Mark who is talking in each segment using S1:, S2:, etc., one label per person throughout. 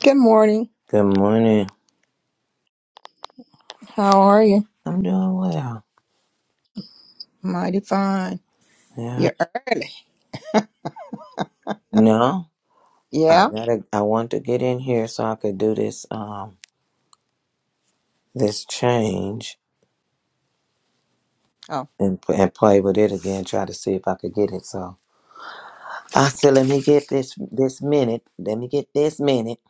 S1: Good morning.
S2: Good morning.
S1: How are you?
S2: I'm doing well.
S1: Mighty fine.
S2: Yeah.
S1: You're early.
S2: No, I
S1: Yeah?
S2: gotta. I want to get in here so I could do this. Um, this change
S1: Oh.
S2: and p- and play with it again. Try to see if I could get it. So I said, let me get this this minute. Let me get this minute.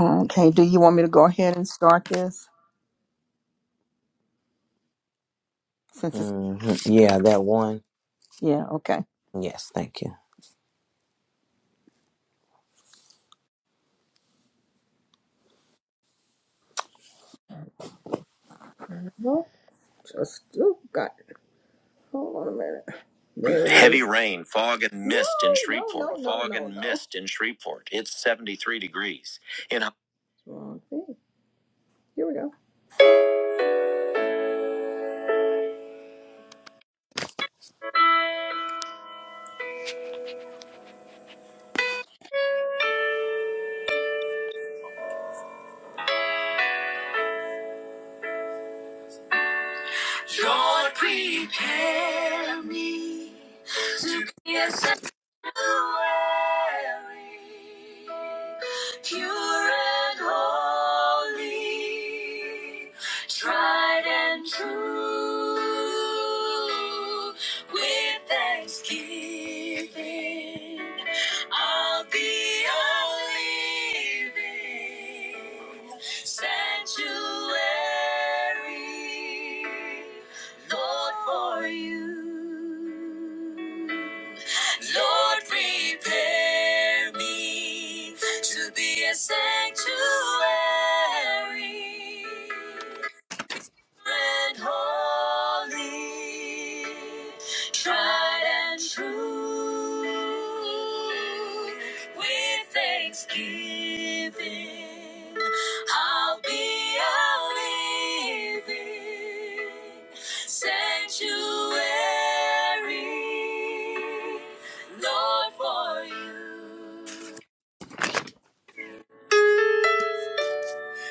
S1: Okay. Do you want me to go ahead and start this? Since it's
S2: hmm Yeah, that one.
S1: yeah, okay.
S2: Yes, thank you.
S1: Well, just oh, got hold on a minute. There it Heavy is. rain, fog and mist in No, no, Shreveport. no, no, fog no, and no. mist in Shreveport. It's 73 degrees. In a- Wrong thing. Here we go. Lord, prepare me to be a weary, Pure and holy, tried and true. With thanksgiving, I'll be a living sanctuary, Lord, for you. Lord, prepare me to be a sanctuary and holy, tried and true. With thanksgiving, I'll be a living sanctuary, Lord, for you.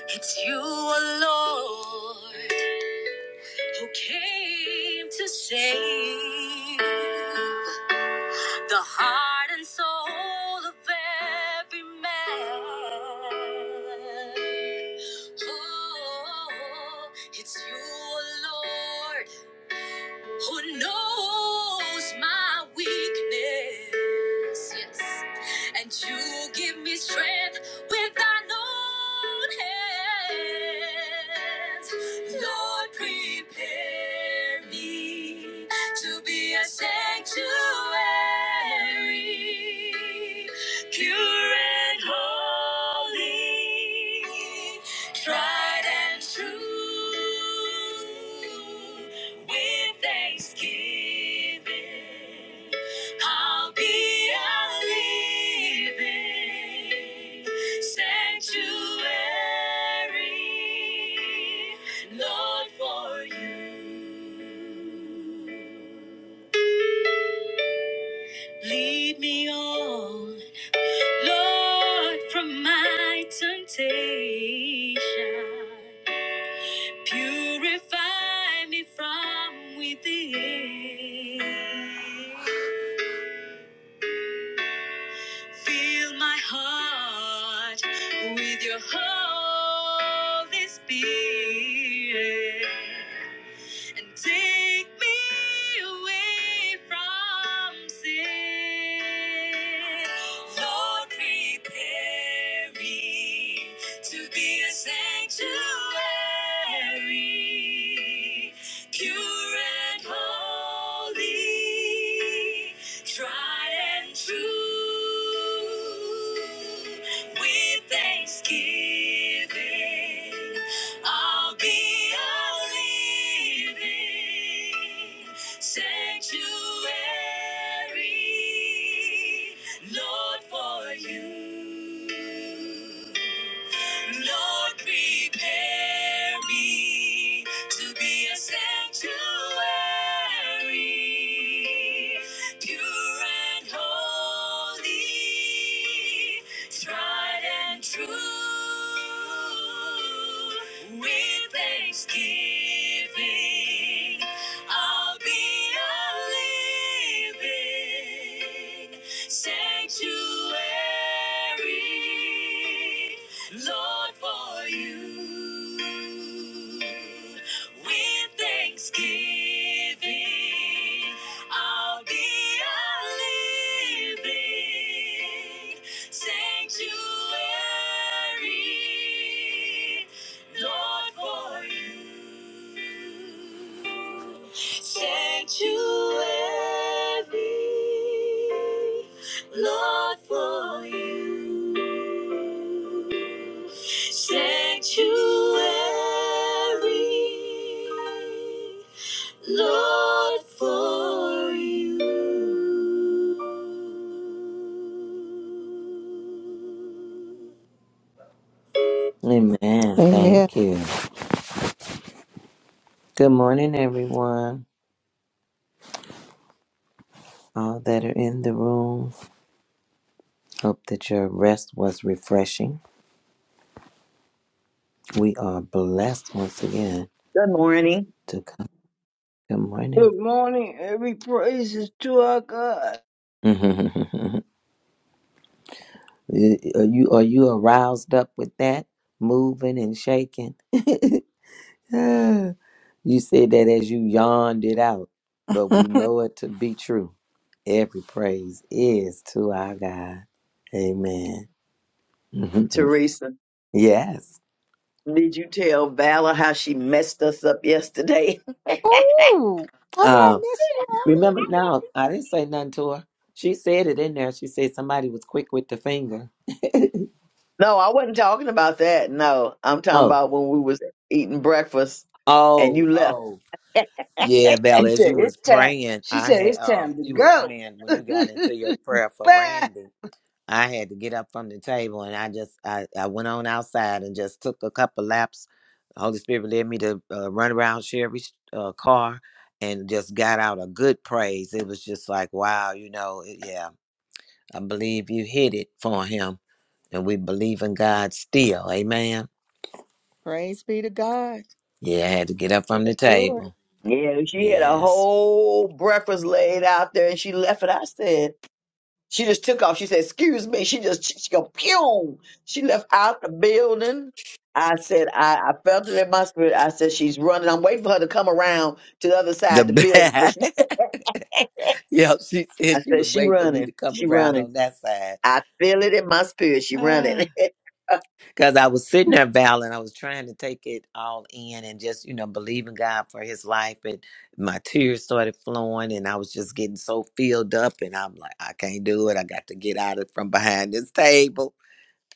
S1: It's you, O Lord. who came to save the heart and soul of every man. Oh, it's you, Lord who knows my weakness. Yes. And you give me strength with thine own hands. Lord, prepare me to be a sanctuary, pure and holy, tried and true. With thanksgiving, I'll be a living sanctuary, Lord, for you. Lead me on, Lord, from my temptation. Purify me from within. Fill my heart with your Holy Spirit. and take me away from sin. Lord, prepare me to be a sanctuary, pure and holy, tried and true. With thanksgiving, I'll be a living sanctuary, Lord, for you. Lord, prepare me to be a sanctuary, pure and holy. It's tried and true. With thanksgiving, I'll be a living sanctuary, Lord, for you. With thanksgiving, I'll be a living sanctuary, Lord, for you. Sanctuary, Lord, for you. Sanctuary. Lord, for you.
S2: Amen.
S1: Amen.
S2: Thank you. Good morning, everyone. All that are in the room. Hope that your rest was refreshing. We are blessed once again
S3: Good morning,
S2: to come. Good morning.
S4: Good morning. Every praise is to our God.
S2: are you are you aroused up with that moving and shaking? you said that as you yawned it out, but
S1: Ooh,
S2: we know it to be true. Every praise is to our God. Amen. Mhm.
S3: Teresa.
S2: Yes.
S3: Did you tell Valor how she messed us up yesterday? no,
S1: how did I
S2: Um,
S1: miss you? Ellen?
S2: remember now, I didn't say nothing to her. She said it in there. She said somebody was quick with the finger.
S3: I wasn't talking about that. No, I'm talking
S2: Oh,
S3: about when we was eating breakfast and
S2: oh,
S3: you left.
S2: oh. Yeah,
S4: He
S2: Val, as
S4: said,
S2: you was
S4: it's time.
S2: praying,
S4: She
S2: I
S4: said,
S2: had
S4: it's
S2: um
S4: time to
S2: you were
S4: go.
S2: praying when you got into your prayer for
S4: Bye.
S2: Randy. I had to get up from the table and I just I, I went on outside and just took a couple laps. The Holy Spirit led me to uh, run around Sherry's uh, car and just got out a good praise. It was just like, wow, you know, it- yeah, I believe you hit it for him. And we believe in God still. Amen.
S1: Praise be to God.
S2: Yeah, I had to get up
S1: You
S2: from the
S1: do it.
S2: table.
S3: Yeah, she had a
S2: Yes.
S3: whole breakfast laid out there and she left it. I said, she just took off. She said, excuse me. She just, she go, pew. She left out the building. I said, I, I felt it in my spirit. I said, she's running. I'm waiting for her to come around to the other side of the building. But
S2: The
S3: she said.
S2: Yeah, she said
S3: I
S2: she
S3: said,
S2: was
S3: she
S2: waiting for me to
S3: running.
S2: come
S3: She
S2: around
S3: running.
S2: on that side.
S3: I feel it in my spirit. She
S2: Ah.
S3: running.
S2: Because I was sitting there, Val, and I was trying to take it all in and just, you know, believing God for his life. And my tears started flowing, and I was just getting so filled up. And I'm like, I can't do it. I got to get out of from behind this table.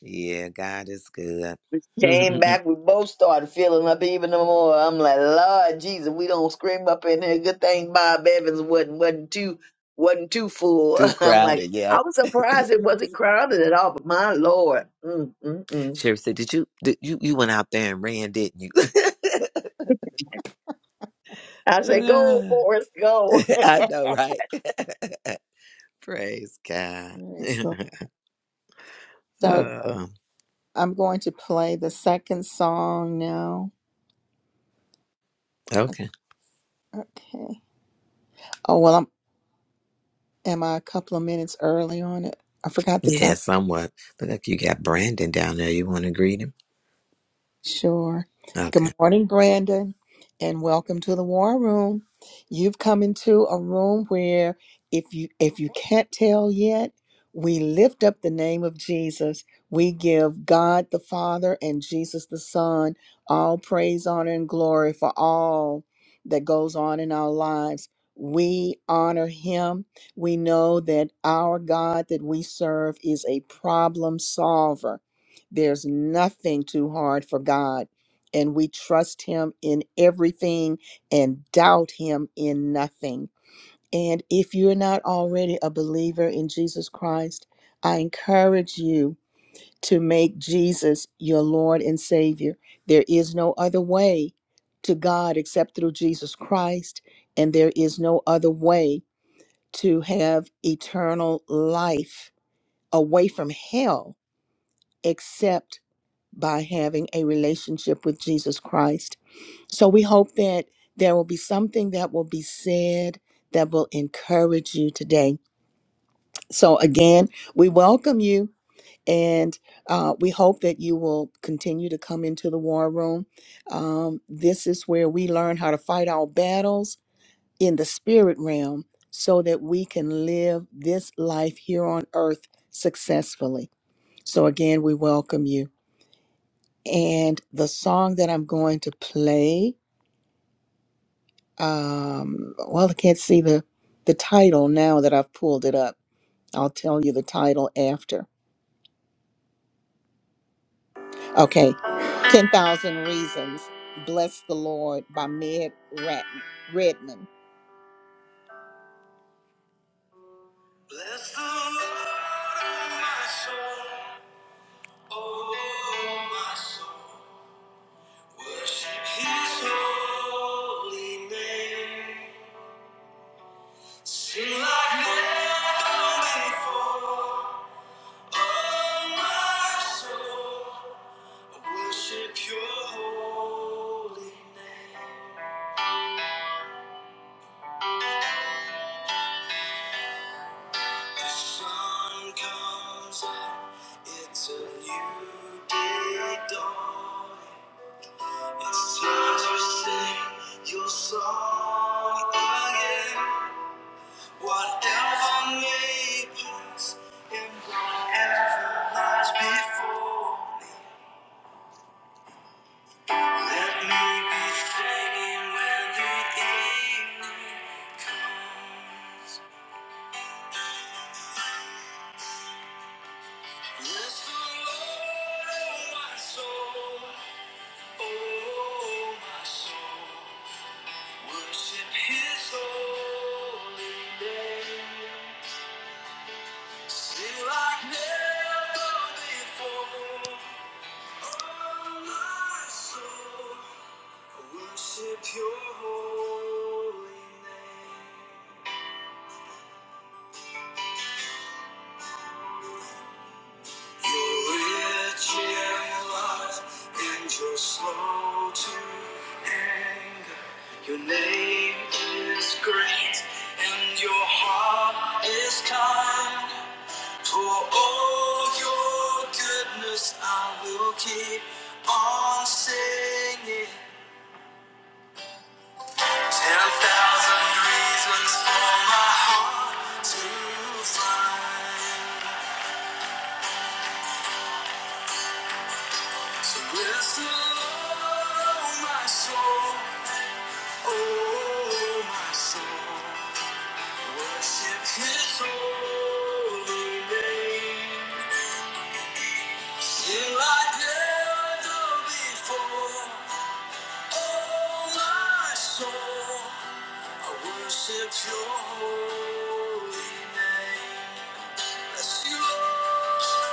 S2: Yeah, God is good.
S3: We came back. We both started feeling up even more. I'm like, Lord Jesus, we don't scream up in here. Good thing Bob Evans wasn't wasn't too wasn't too full.
S2: Too
S3: I'm like,
S2: crowded. Yeah.
S3: I was surprised it wasn't crowded at all. But my Lord, mm, mm, mm.
S2: Sherry said, Did you, did you, you went out there and ran, didn't you?
S3: I say, go,
S2: ah.
S3: Forrest, go.
S2: I know, right? Praise God.
S1: Yes, Lord. So
S2: oh,
S1: I'm going to play the second song now.
S2: okay.
S1: Okay. Oh well, I'm. Am I a couple of minutes early on it? I forgot the time.
S2: Yeah, somewhat. Look like you got Brandon down there. You want to greet him?
S1: Sure.
S2: Okay.
S1: Good morning, Brandon, and welcome to the War Room. You've come into a room where if you if you can't tell yet, we lift up the name of Jesus. We give God the Father and Jesus the Son all praise, honor, and glory for all that goes on in our lives. We honor him. We know that our God that we serve is a problem solver there's nothing too hard for God, and we trust Him in everything and doubt Him in nothing. And if you're not already a believer in Jesus Christ, I encourage you to make Jesus your Lord and Savior. There is no other way to God except through Jesus Christ, and there is no other way to have eternal life away from hell except by having a relationship with Jesus Christ. So we hope that there will be something that will be said that will encourage you today. So again, we welcome you and uh, we hope that you will continue to come into the war room. Um, this is where we learn how to fight our battles in the spirit realm so that we can live this life here on earth successfully. So again, we welcome you. And the song that I'm going to play, um, well, I can't see the, the title now that I've pulled it up. I'll tell you the title after. Okay, 10,000 Reasons. Bless the Lord by Med Rat- Redman. Bless the Lord, oh my soul, oh my soul. Worship his holy name. Sing like never before. Oh, my soul, I worship your holy name. The sun comes up, it's a new day dawning. It's time to sing your song again. Whatever may pass and whatever lies before. me, Let me be singing when the evening comes. Bless the Lord, oh my soul, oh my soul. Worship His holy name. Sing like never before. Oh, my soul, I worship your holy name. you rich in love and you're slow to anger. Your name is great and your heart is kind. For all your goodness, I will keep on singing. Ten thousand reasons for my heart to find. So listen, oh my soul, oh my soul, worship His holy name. Sing like never before, oh my soul, I worship Your holy name. Bless you, Lord.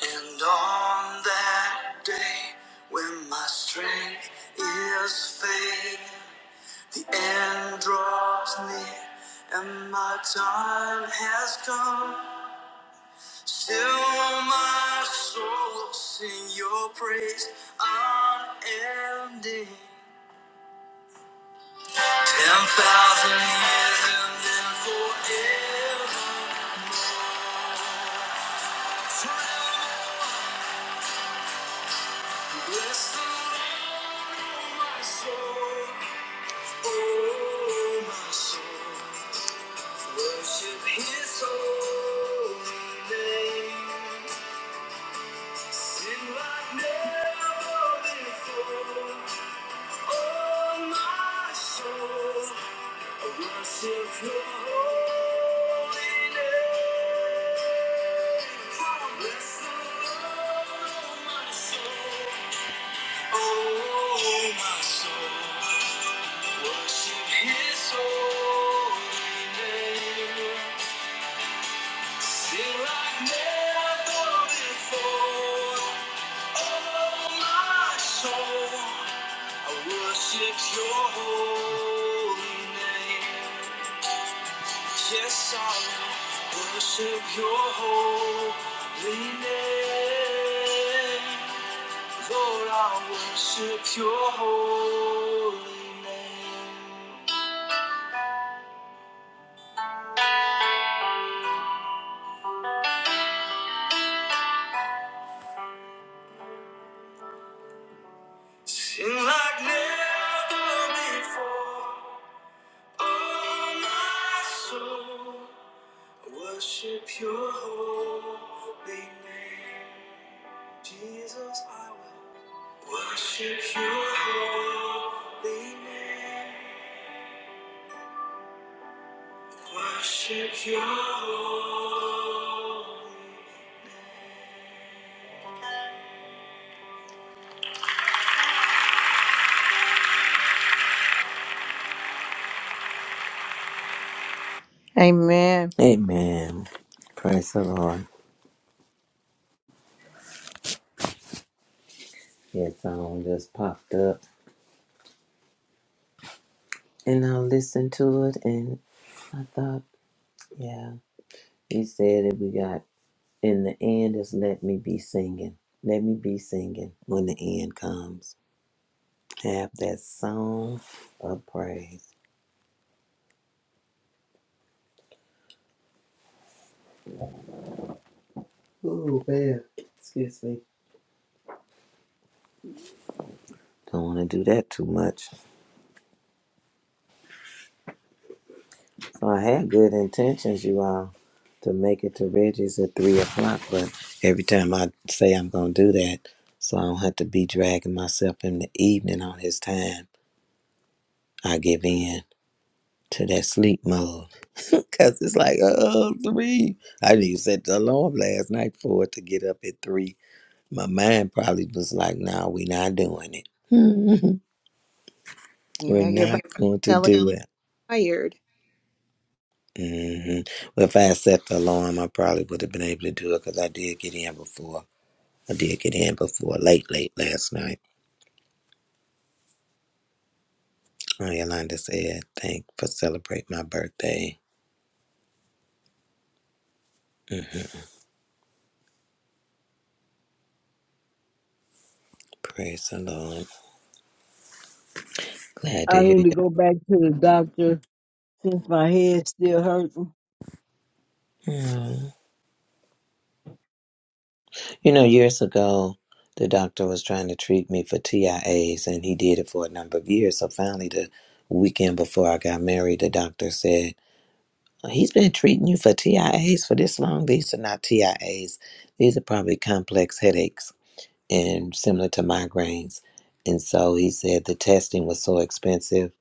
S1: And on that day when my strength is failing, the end draws near and my time has come. Still my soul will sing your praise unending. Ten thousand years and then forever. Bless the Lord, oh my soul, oh my soul. Worship His holy name. Sin like never before, oh my soul. I worship Your holy name. Bless the Lord, oh my soul. Oh, my soul, worship His holy name. Sing like never before. Oh, my soul, I worship Your holy name. Yes, I will worship Your holy name. So让我 your holy name. Sing like never before. Oh, my soul, worship your holy name. Jesus, I will worship your holy name. Worship your holy Amen.
S2: Amen. Praise the Lord. Yeah, song just popped up. And I listened to it and I thought, yeah. He said that we got, in the end, is let me be singing. Let me be singing when the end comes. Have that song of praise. Oh, man. Excuse me. Don't want to do that too much. So I had good intentions, you all, to make it to Reggie's at three o'clock, but every time I say I'm gonna do that, so I don't have to be dragging myself in the evening on his time, I give in to that sleep mode. Cause it's like, oh, three. I didn't even set the alarm last night for it to get up at three. My mind probably was like, no, nah, we're not doing it. we're
S1: Yeah, you're about
S2: not going
S1: to
S2: to
S1: tell
S2: do it.
S1: tired.
S2: hmm Well, if I had set the alarm, I probably would have been able to do it because I did get in before. I did get in before, late, late last night. Oh, Yolanda said, thank for celebrating my birthday. Mhm. Praise the Lord. Glad to
S4: I
S2: hear
S4: need to
S2: you.
S4: go back to the doctor since my head's still hurting.
S2: Mm. You know, years ago, the doctor was trying to treat me for TIAs, and he did it for a number of years. So finally, the weekend before I got married, the doctor said, He's been treating you for TIAs for this long. These are not TIAs. These are probably complex headaches and similar to migraines. And so he said the testing was so expensive.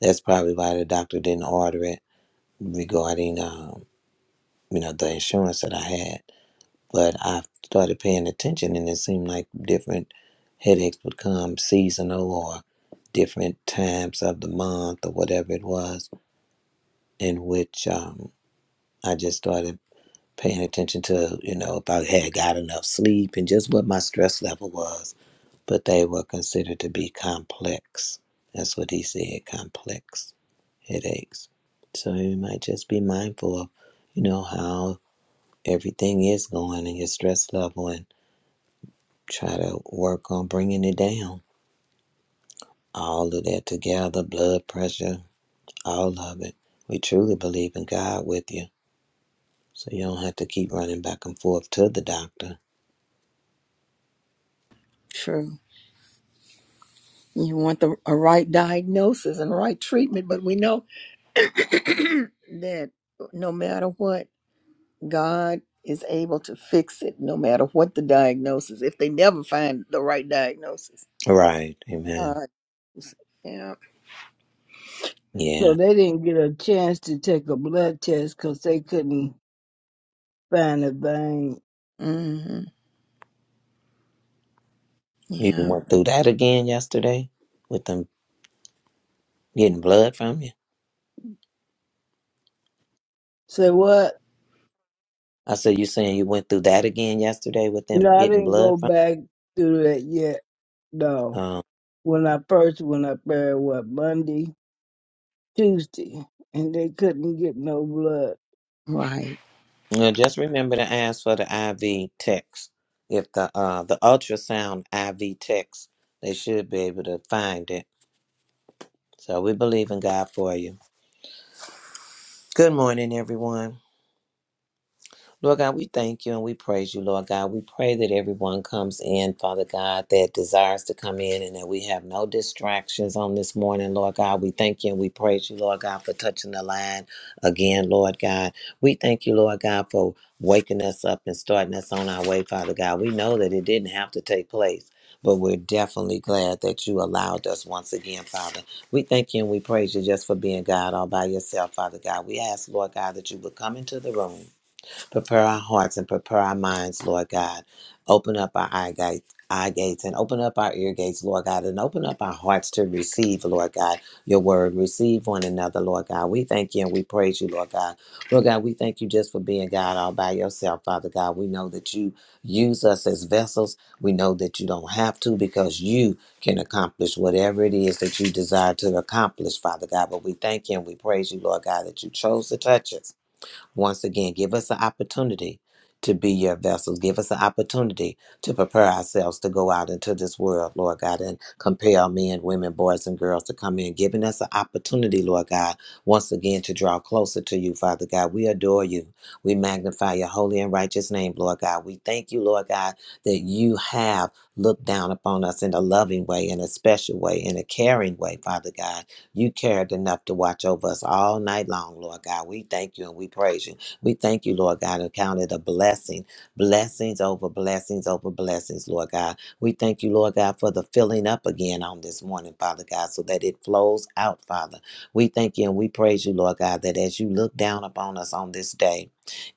S2: That's probably why the doctor didn't order it regarding, um, you know, the insurance that I had. But I started paying attention, and it seemed like different headaches would come seasonal or different times of the month or whatever it was, in which um, I just started paying attention to, you know, if I had got enough sleep and just what my stress level was. But they were considered to be complex. That's what he said complex headaches. So you might just be mindful of, you know, how everything is going and your stress level and try to work on bringing it down. All of that together, blood pressure, all of it. We truly believe in God with you. So you don't have to keep running back and forth to the doctor.
S1: True. You want the a right diagnosis and right treatment, but we know that no matter what, God is able to fix it, no matter what the diagnosis, if they never find the right diagnosis.
S2: Right. Amen.
S1: God yeah.
S4: So
S2: Yeah.
S4: they didn't get a chance to take a blood test because they couldn't find a vein.
S1: hmm
S2: You
S1: Yeah.
S2: went through that again yesterday with them getting blood from you.
S4: Say what?
S2: I said, you saying you went through that again yesterday with them
S4: No, I
S2: getting
S4: didn't go
S2: blood from
S4: back through that yet.
S2: you?
S4: No.
S2: Um,
S4: When I first, went up there what, Monday, Tuesday, and they couldn't get no blood.
S1: Right.
S2: now just remember to ask for the IV text. If the uh, the ultrasound IV text, they should be able to find it. So we believe in God for you. Good morning, everyone. Lord God, we thank you and we praise you, Lord God. We pray that everyone comes in, Father God, that desires to come in and that we have no distractions on this morning, Lord God. We thank you and we praise you, Lord God, for touching the line again, Lord God. We thank you, Lord God, for waking us up and starting us on our way, Father God. We know that it didn't have to take place. But we're definitely glad that you allowed us once again, Father. We thank you and we praise you just for being God all by yourself, Father God. We ask, Lord God, that you would come into the room Prepare our hearts and prepare our minds, Lord God. Open up our eye gates. Eye gates and open up our ear gates, Lord God, and open up our hearts to receive, Lord God, your word. Receive one another, Lord God. We thank you and we praise you, Lord God. Lord God, we thank you just for being God all by yourself, Father God. We know that you use us as vessels. We know that you don't have to because you can accomplish whatever it is that you desire to accomplish, Father God. But we thank you and we praise you, Lord God, that you chose to touch us. Once again, give us an opportunity to be your vessels. Give us an opportunity to prepare ourselves to go out into this world, Lord God, and compel men, women, boys, and girls to come in, giving us an opportunity, Lord God, once again to draw closer to you, Father God. We adore you. We magnify your holy and righteous name, Lord God. We thank you, Lord God, that you have looked down upon us in a loving way, in a special way, in a caring way, Father God. You cared enough to watch over us all night long, Lord God. We thank you and we praise you. We thank you, Lord God, and count it a blessing. Blessings over blessings over blessings, Lord God. We thank you, Lord God, for the filling up again on this morning, Father God, so that it flows out, Father. We thank you and we praise you, Lord God, that as you look down upon us on this day,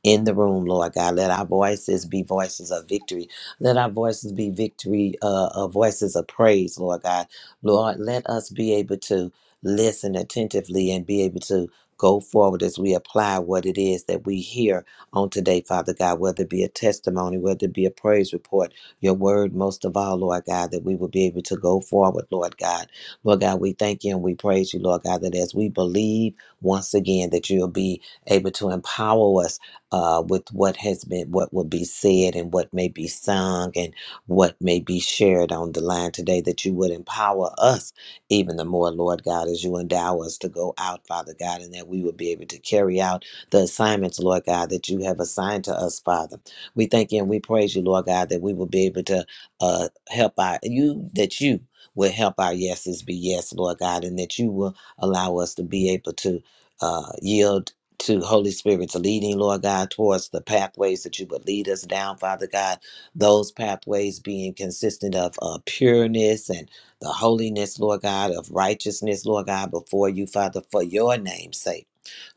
S2: in the room, Lord God. Let our voices be voices of victory. Let our voices be victory, uh, uh, voices of praise, Lord God. Lord, let us be able to listen attentively and be able to go forward as we apply what it is that we hear on today, Father God, whether it be a testimony, whether it be a praise report, your word, most of all, Lord God, that we will be able to go forward, Lord God. Lord God, we thank you and we praise you, Lord God, that as we believe once again that you'll be able to empower us uh, with what has been, what will be said and what may be sung and what may be shared on the line today, that you would empower us even the more, Lord God, as you endow us to go out, Father God, and that we will be able to carry out the assignments, Lord God, that you have assigned to us, Father. We thank you and we praise you, Lord God, that we will be able to uh, help our, you, that you will help our yeses be yes, Lord God, and that you will allow us to be able to uh, yield to Holy Spirit's leading, Lord God, towards the pathways that you would lead us down, Father God. Those pathways being consistent of uh, pureness and the holiness, Lord God, of righteousness, Lord God, before you, Father, for your name's sake.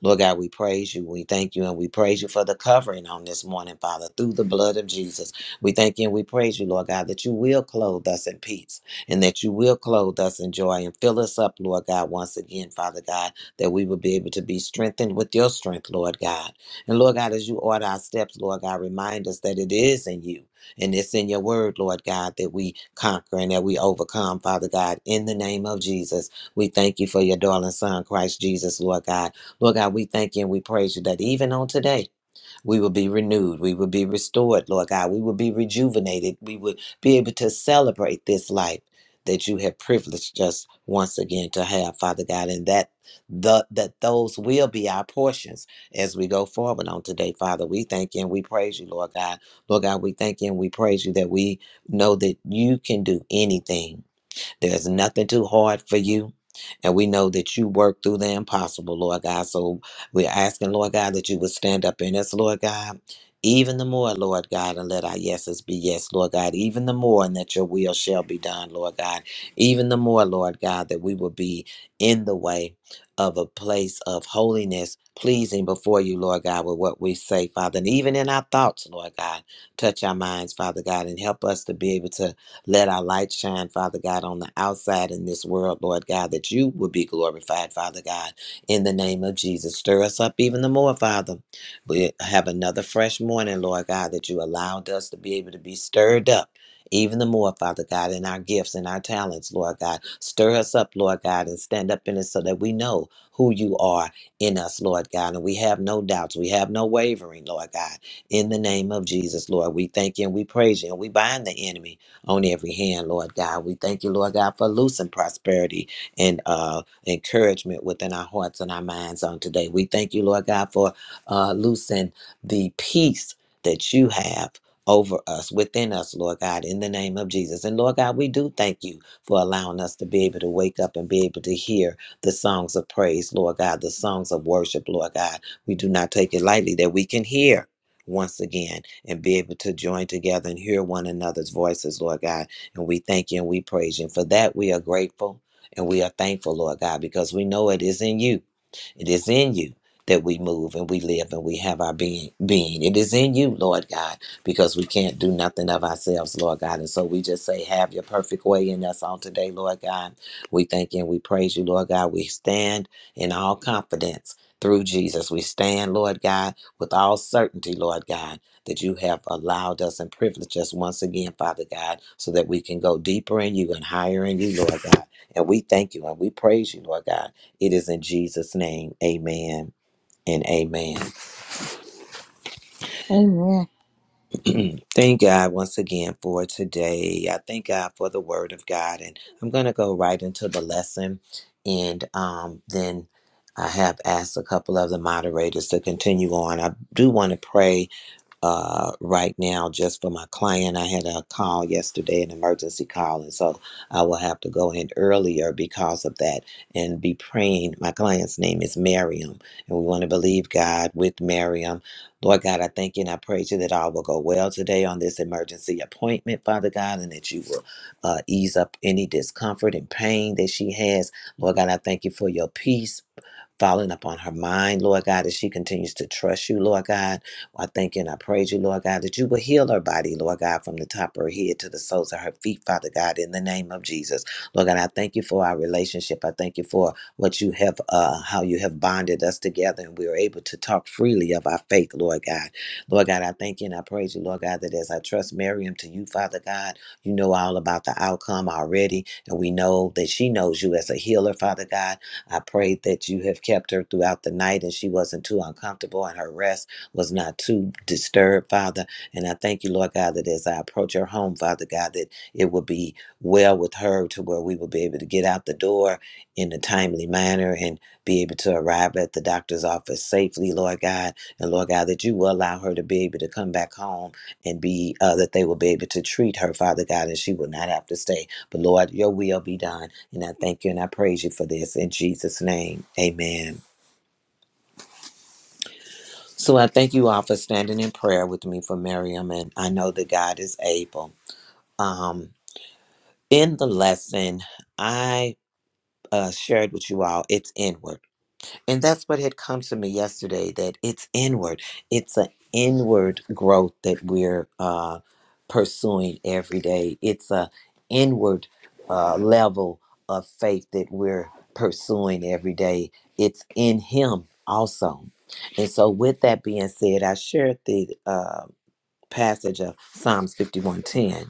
S2: Lord God, we praise you. We thank you and we praise you for the covering on this morning, Father, through the blood of Jesus. We thank you and we praise you, Lord God, that you will clothe us in peace and that you will clothe us in joy and fill us up, Lord God, once again, Father God, that we will be able to be strengthened with your strength, Lord God. And Lord God, as you order our steps, Lord God, remind us that it is in you. And it's in your word, Lord God, that we conquer and that we overcome, Father God. In the name of Jesus, we thank you for your darling son, Christ Jesus, Lord God. Lord God, we thank you and we praise you that even on today, we would be renewed. We would be restored, Lord God. We would be rejuvenated. We would be able to celebrate this life that you have privileged us once again to have, Father God, and that the that those will be our portions as we go forward on today, Father. We thank you and we praise you, Lord God. Lord God, we thank you and we praise you that we know that you can do anything there's nothing too hard for you. And we know that you work through the impossible, Lord God. So we're asking, Lord God, that you would stand up in us, Lord God, even the more, Lord God, and let our yeses be yes, Lord God, even the more, and that your will shall be done, Lord God, even the more, Lord God, that we will be in the way of a place of holiness, pleasing before you, Lord God, with what we say, Father, and even in our thoughts, Lord God, touch our minds, Father God, and help us to be able to let our light shine, Father God, on the outside in this world, Lord God, that you will be glorified, Father God, in the name of Jesus. Stir us up even the more, Father. We have another fresh morning, Lord God, that you allowed us to be able to be stirred up. Even the more, Father God, in our gifts and our talents, Lord God. Stir us up, Lord God, and stand up in it so that we know who you are in us, Lord God. And we have no doubts. We have no wavering, Lord God. In the name of Jesus, Lord, we thank you and we praise you and we bind the enemy on every hand, Lord God. We thank you, Lord God, for loosing prosperity and uh, encouragement within our hearts and our minds on today. We thank you, Lord God, for uh, loosing the peace that you have. Over us, within us, Lord God, in the name of Jesus. And Lord God, we do thank you for allowing us to be able to wake up and be able to hear the songs of praise, Lord God, the songs of worship, Lord God. We do not take it lightly that we can hear once again and be able to join together and hear one another's voices, Lord God. And we thank you and we praise you. And for that, we are grateful and we are thankful, Lord God, because we know it is in you. It is in you that we move and we live and we have our being being. It is in you, Lord God, because we can't do nothing of ourselves, Lord God. And so we just say, have your perfect way in us on today, Lord God. We thank you and we praise you, Lord God. We stand in all confidence through Jesus. We stand, Lord God with all certainty, Lord God, that you have allowed us and privileged us once again, Father God, so that we can go deeper in you and higher in you, Lord God. And we thank you and we praise you, Lord God. It is in Jesus' name. Amen. And amen.
S1: Amen.
S2: thank God once again for today. I thank God for the word of God. And I'm going to go right into the lesson. And um, then I have asked a couple of the moderators to continue on. I do want to pray uh, right now just for my client. I had a call yesterday, an emergency call, and so I will have to go in earlier because of that and be praying. My client's name is Miriam, and we want to believe God with Miriam. Lord God, I thank you and I praise you that all will go well today on this emergency appointment, Father God, and that you will uh, ease up any discomfort and pain that she has. Lord God, I thank you for your peace falling upon her mind, Lord God, as she continues to trust you, Lord God. I thank you and I praise you, Lord God, that you will heal her body, Lord God, from the top of her head to the soles of her feet, Father God, in the name of Jesus. Lord God, I thank you for our relationship. I thank you for what you have, uh, how you have bonded us together and we are able to talk freely of our faith, Lord God. Lord God, I thank you and I praise you, Lord God, that as I trust Miriam to you, Father God, you know all about the outcome already. And we know that she knows you as a healer, Father God. I prayed that you have kept her throughout the night and she wasn't too uncomfortable and her rest was not too disturbed, Father. And I thank you, Lord God, that as I approach her home, Father God, that it will be well with her to where we will be able to get out the door in a timely manner and be able to arrive at the doctor's office safely, Lord God. And Lord God, that you will allow her to be able to come back home and be, uh, that they will be able to treat her, Father God, and she will not have to stay. But Lord, your will be done. And I thank you and I praise you for this in Jesus' name. Amen. So I thank you all for standing in prayer with me for Miriam, and I know that God is able. Um, in the lesson, I uh, shared with you all, it's inward. And that's what had come to me yesterday that it's inward. It's an inward growth that we're uh, pursuing every day. It's a inward uh, level of faith that we're pursuing every day. It's in Him also. And so, with that being said, I shared the uh, passage of Psalms 51:10,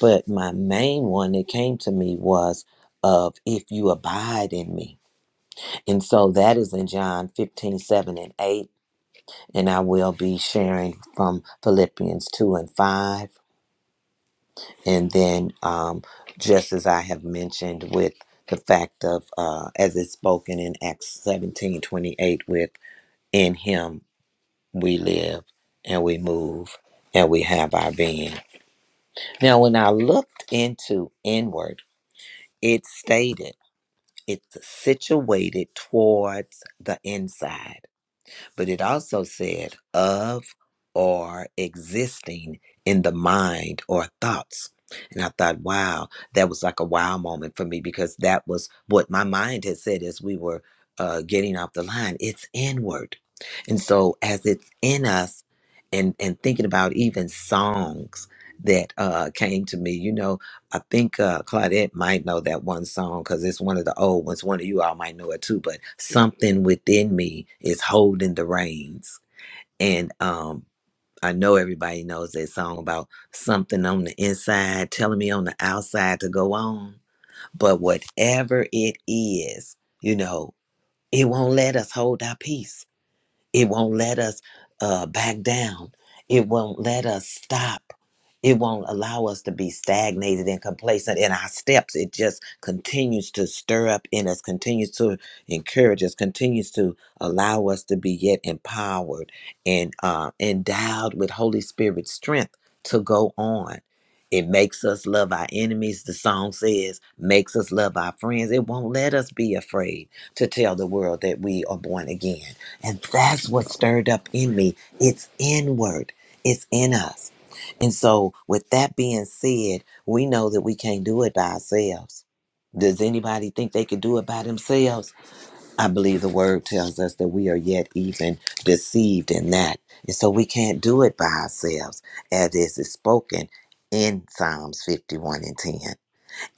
S2: but my main one that came to me was of if you abide in me. And so that is in John 15 7 and 8. And I will be sharing from Philippians 2 and 5. And then, um, just as I have mentioned, with the fact of, uh, as it's spoken in Acts 17 28, with in him we live and we move and we have our being. Now, when I looked into inward, it stated it's situated towards the inside. but it also said of or existing in the mind or thoughts. And I thought, wow, that was like a wow moment for me because that was what my mind had said as we were uh, getting off the line. It's inward. And so as it's in us, and, and thinking about even songs that uh, came to me, you know, I think uh, Claudette might know that one song because it's one of the old ones. One of you all might know it too, but something within me is holding the reins. And um, I know everybody knows that song about something on the inside telling me on the outside to go on. But whatever it is, you know, it won't let us hold our peace. It won't let us uh, back down. It won't let us stop. It won't allow us to be stagnated and complacent in our steps. It just continues to stir up in us, continues to encourage us, continues to allow us to be yet empowered and uh, endowed with Holy Spirit strength to go on. It makes us love our enemies, the song says, makes us love our friends. It won't let us be afraid to tell the world that we are born again and that's what stirred up in me. It's inward, it's in us. And so, with that being said, we know that we can't do it by ourselves. Does anybody think they could do it by themselves? I believe the word tells us that we are yet even deceived in that. And so we can't do it by ourselves, as this is spoken in Psalms 51 and 10.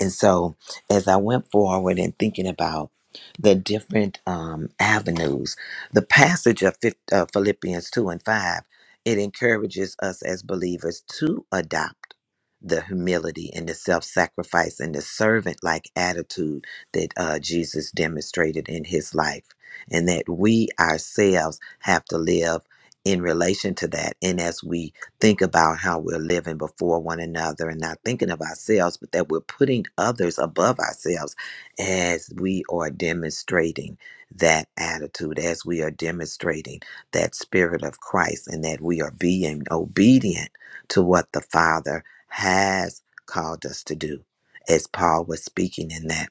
S2: And so, as I went forward and thinking about the different um, avenues, the passage of Phil- uh, Philippians 2 and 5, it encourages us as believers to adopt the humility and the self sacrifice and the servant like attitude that uh, Jesus demonstrated in his life, and that we ourselves have to live in relation to that. And as we think about how we're living before one another and not thinking of ourselves, but that we're putting others above ourselves as we are demonstrating that attitude, as we are demonstrating that spirit of Christ, and that we are being obedient to what the Father has called us to do, as Paul was speaking in that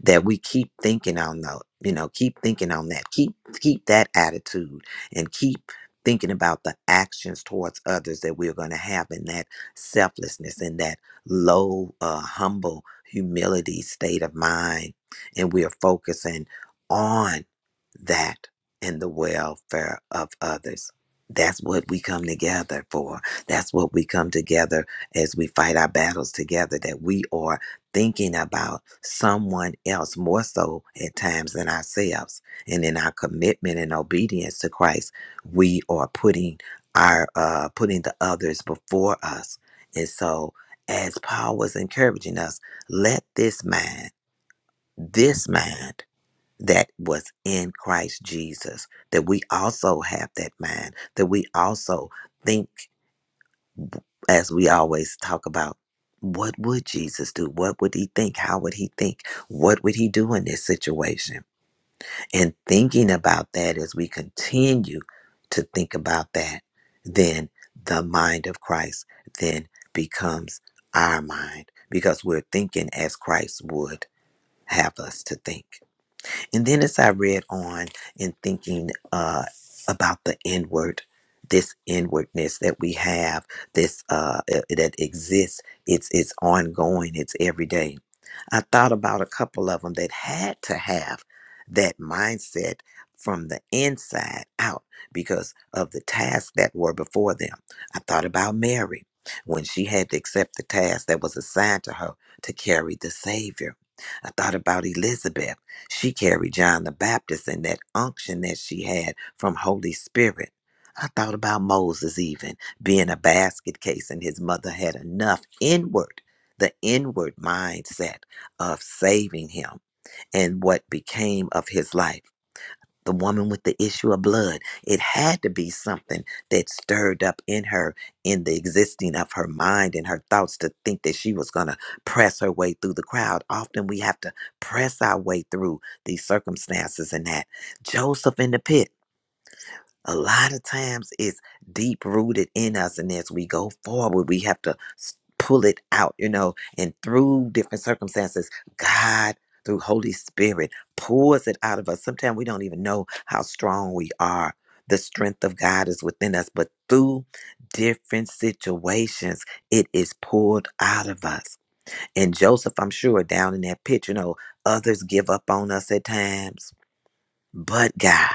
S2: that we keep thinking on the you know keep thinking on that keep keep that attitude and keep thinking about the actions towards others that we're going to have in that selflessness in that low uh, humble humility state of mind and we are focusing on that and the welfare of others that's what we come together for that's what we come together as we fight our battles together that we are thinking about someone else more so at times than ourselves. And in our commitment and obedience to Christ, we are putting our uh putting the others before us. And so as Paul was encouraging us, let this mind, this mind that was in Christ Jesus, that we also have that mind, that we also think as we always talk about what would Jesus do? What would he think? How would he think? What would he do in this situation? And thinking about that as we continue to think about that, then the mind of Christ then becomes our mind because we're thinking as Christ would have us to think. And then as I read on and thinking uh, about the inward, this inwardness that we have, this uh, uh, that exists, it's it's ongoing, it's every day. I thought about a couple of them that had to have that mindset from the inside out because of the tasks that were before them. I thought about Mary when she had to accept the task that was assigned to her to carry the Savior. I thought about Elizabeth she carried John the Baptist and that unction that she had from Holy Spirit. I thought about Moses even being a basket case, and his mother had enough inward, the inward mindset of saving him and what became of his life the woman with the issue of blood. It had to be something that stirred up in her, in the existing of her mind and her thoughts to think that she was going to press her way through the crowd. Often we have to press our way through these circumstances and that. Joseph in the pit a lot of times it's deep rooted in us and as we go forward we have to s- pull it out you know and through different circumstances god through holy spirit pours it out of us sometimes we don't even know how strong we are the strength of god is within us but through different situations it is poured out of us and joseph i'm sure down in that pit you know others give up on us at times but god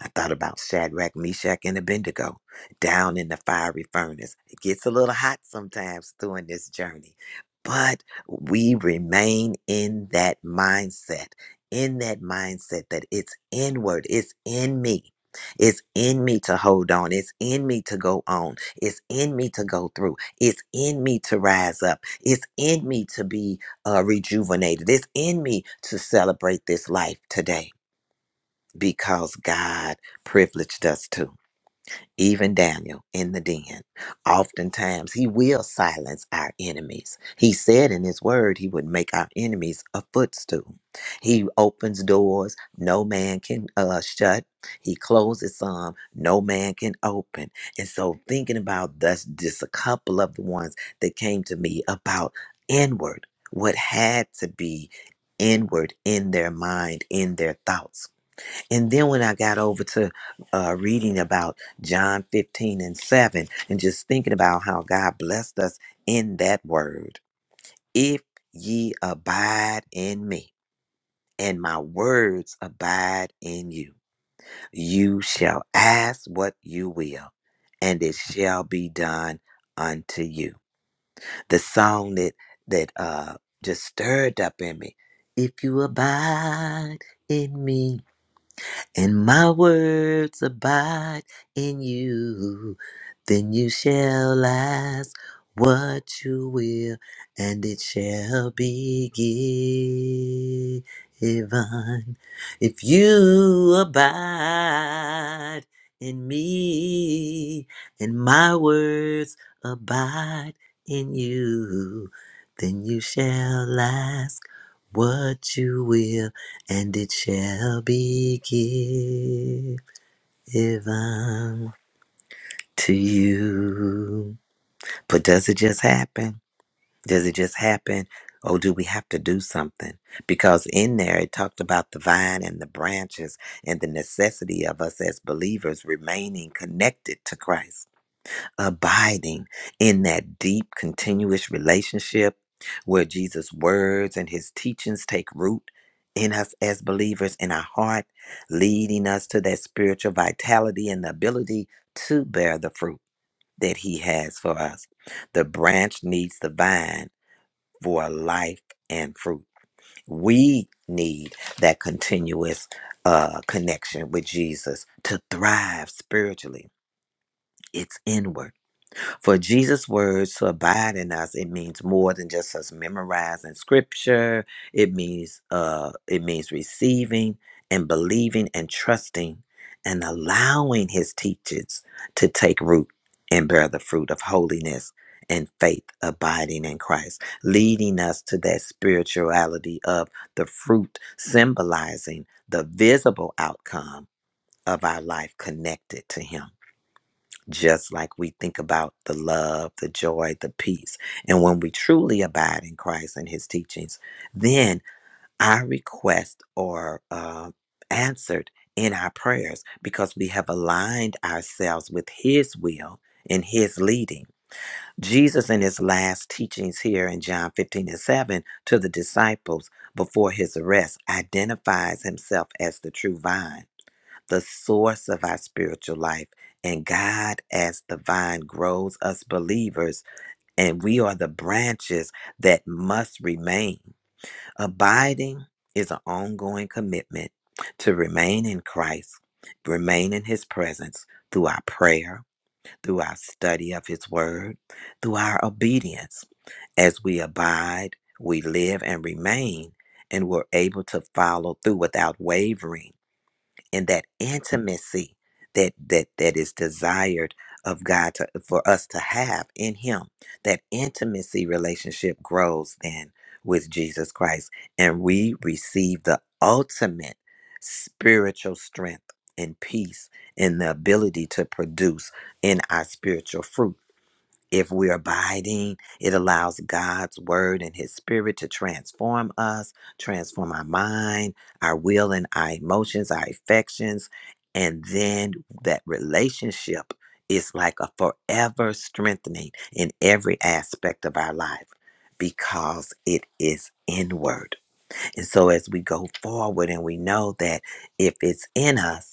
S2: I thought about Shadrach, Meshach, and Abednego down in the fiery furnace. It gets a little hot sometimes during this journey, but we remain in that mindset, in that mindset that it's inward, it's in me. It's in me to hold on. It's in me to go on. It's in me to go through. It's in me to rise up. It's in me to be uh, rejuvenated. It's in me to celebrate this life today because God privileged us to. Even Daniel in the den. Oftentimes, he will silence our enemies. He said in his word, he would make our enemies a footstool. He opens doors no man can uh, shut, he closes some no man can open. And so, thinking about thus, just a couple of the ones that came to me about inward, what had to be inward in their mind, in their thoughts and then when I got over to uh, reading about John 15 and 7, and just thinking about how God blessed us in that word, if ye abide in me, and my words abide in you, you shall ask what you will, and it shall be done unto you. The song that that uh, just stirred up in me, if you abide in me. and my words abide in you, then you shall ask what you will, and it shall be given. If you abide in me, and my words abide in you, then you shall ask what you will and it shall be given to you. But does it just happen? Does it just happen? Or do we have to do something? Because in there it talked about the vine and the branches and the necessity of us as believers remaining connected to Christ abiding in that deep, continuous relationship where Jesus' words and his teachings take root in us as believers in our heart, leading us to that spiritual vitality and the ability to bear the fruit that he has for us. The branch needs the vine for life and fruit. We need that continuous uh, connection with Jesus to thrive spiritually. It's inward. For Jesus' words to abide in us, it means more than just us memorizing scripture. It means uh it means receiving and believing and trusting and allowing his teachings to take root and bear the fruit of holiness and faith abiding in Christ, leading us to that spirituality of the fruit symbolizing the visible outcome of our life connected to him just like we think about the love, the joy, the peace. And when we truly abide in Christ and his teachings, then our requests are uh, answered in our prayers because we have aligned ourselves with his will and his leading. Jesus, in his last teachings here in John 15 and 7 to the disciples before his arrest, identifies himself as the true vine the source of our spiritual life. And God, as the vine, grows us believers, and we are the branches that must remain. Abiding is an ongoing commitment to remain in Christ, remain in His presence through our prayer, through our study of His Word, through our obedience. As we abide, we live and remain, and we're able to follow through without wavering and that intimacy that that that is desired of God to, for us to have in him that intimacy relationship grows then with Jesus Christ and we receive the ultimate spiritual strength and peace and the ability to produce in our spiritual fruit if we're abiding, it allows God's word and his spirit to transform us, transform our mind, our will, and our emotions, our affections. And then that relationship is like a forever strengthening in every aspect of our life because it is inward. And so as we go forward and we know that if it's in us,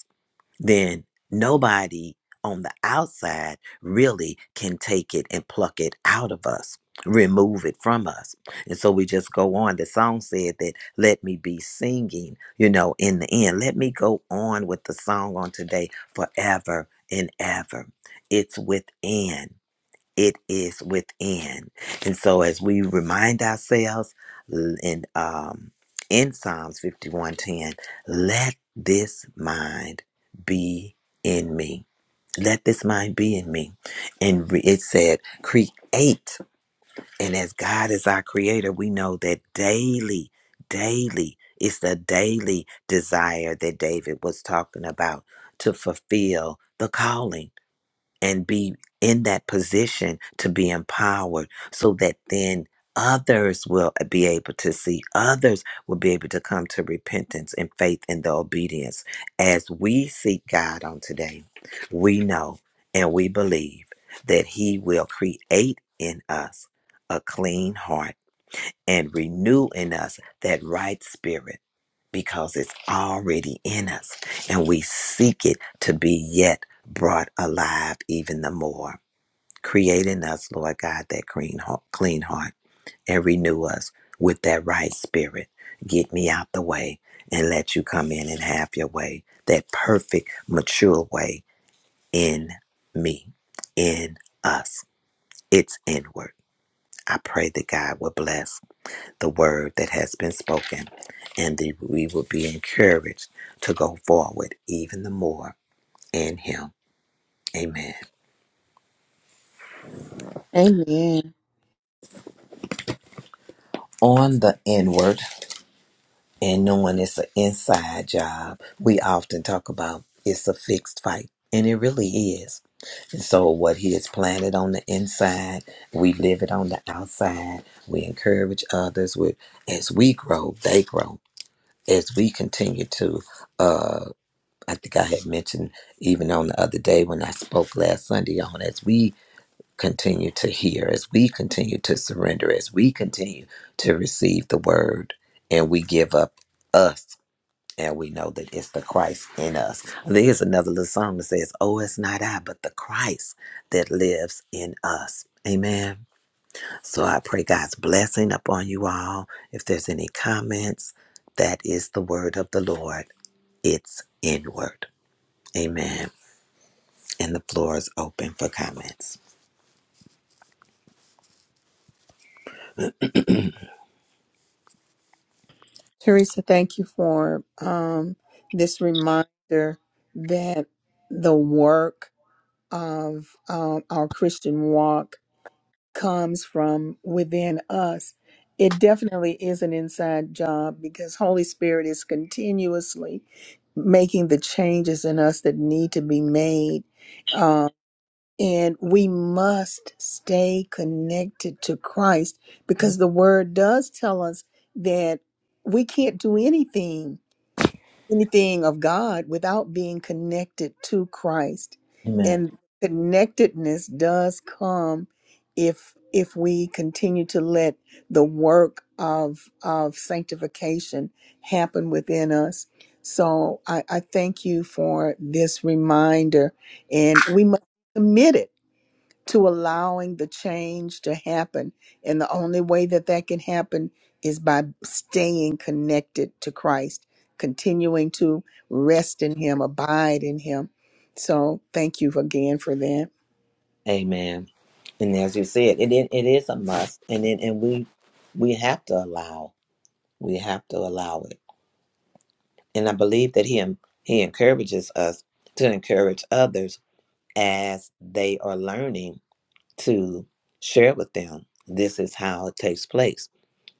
S2: then nobody on the outside really can take it and pluck it out of us, remove it from us. And so we just go on. The song said that, let me be singing, you know, in the end. Let me go on with the song on today forever and ever. It's within it is within. And so as we remind ourselves l- in um in Psalms 51:10, let this mind be in me. Let this mind be in me. And re- it said, create. And as God is our creator, we know that daily, daily, it's the daily desire that David was talking about to fulfill the calling and be in that position to be empowered so that then others will uh, be able to see others will be able to come to repentance and faith in the obedience as we seek god on today we know and we believe that he will create in us a clean heart and renew in us that right spirit because it's already in us and we seek it to be yet brought alive even the more. Create in us, Lord God, that clean heart, clean heart and renew us with that right spirit. Get me out the way and let you come in and have your way, that perfect, mature way in me, in us. It's inward. I pray that God will bless the word that has been spoken, and that we will be encouraged to go forward even the more in Him. Amen.
S1: Amen.
S2: On the inward and knowing it's an inside job, we often talk about it's a fixed fight, and it really is. And so, what He has planted on the inside, we live it on the outside. We encourage others with as we grow, they grow. As we continue to uh, I think I had mentioned even on the other day when I spoke last Sunday on as we continue to hear, as we continue to surrender, as we continue to receive the word and we give up us and we know that it's the Christ in us. There's another little song that says, Oh, it's not I, but the Christ that lives in us. Amen. So I pray God's blessing upon you all. If there's any comments, that is the word of the Lord. It's inward. Amen and the floor is open for comments.
S1: Teresa, thank you for um, this reminder that the work of um, our Christian walk comes from within us it definitely is an inside job because holy spirit is continuously making the changes in us that need to be made um, and we must stay connected to christ because the word does tell us that we can't do anything anything of God without being connected to Christ.
S2: Amen.
S1: And connectedness does come if if we continue to let the work of of sanctification happen within us. So I, I thank you for this reminder and we must commit it to allowing the change to happen. And the only way that that can happen is by staying connected to Christ, continuing to rest in Him, abide in Him. So thank you again for that.
S2: Amen. And as you said, it it, it is a must, and it, and we we have to allow we have to allow it. And I believe that he en- he encourages us to encourage others as they are learning to share with them. This is how it takes place.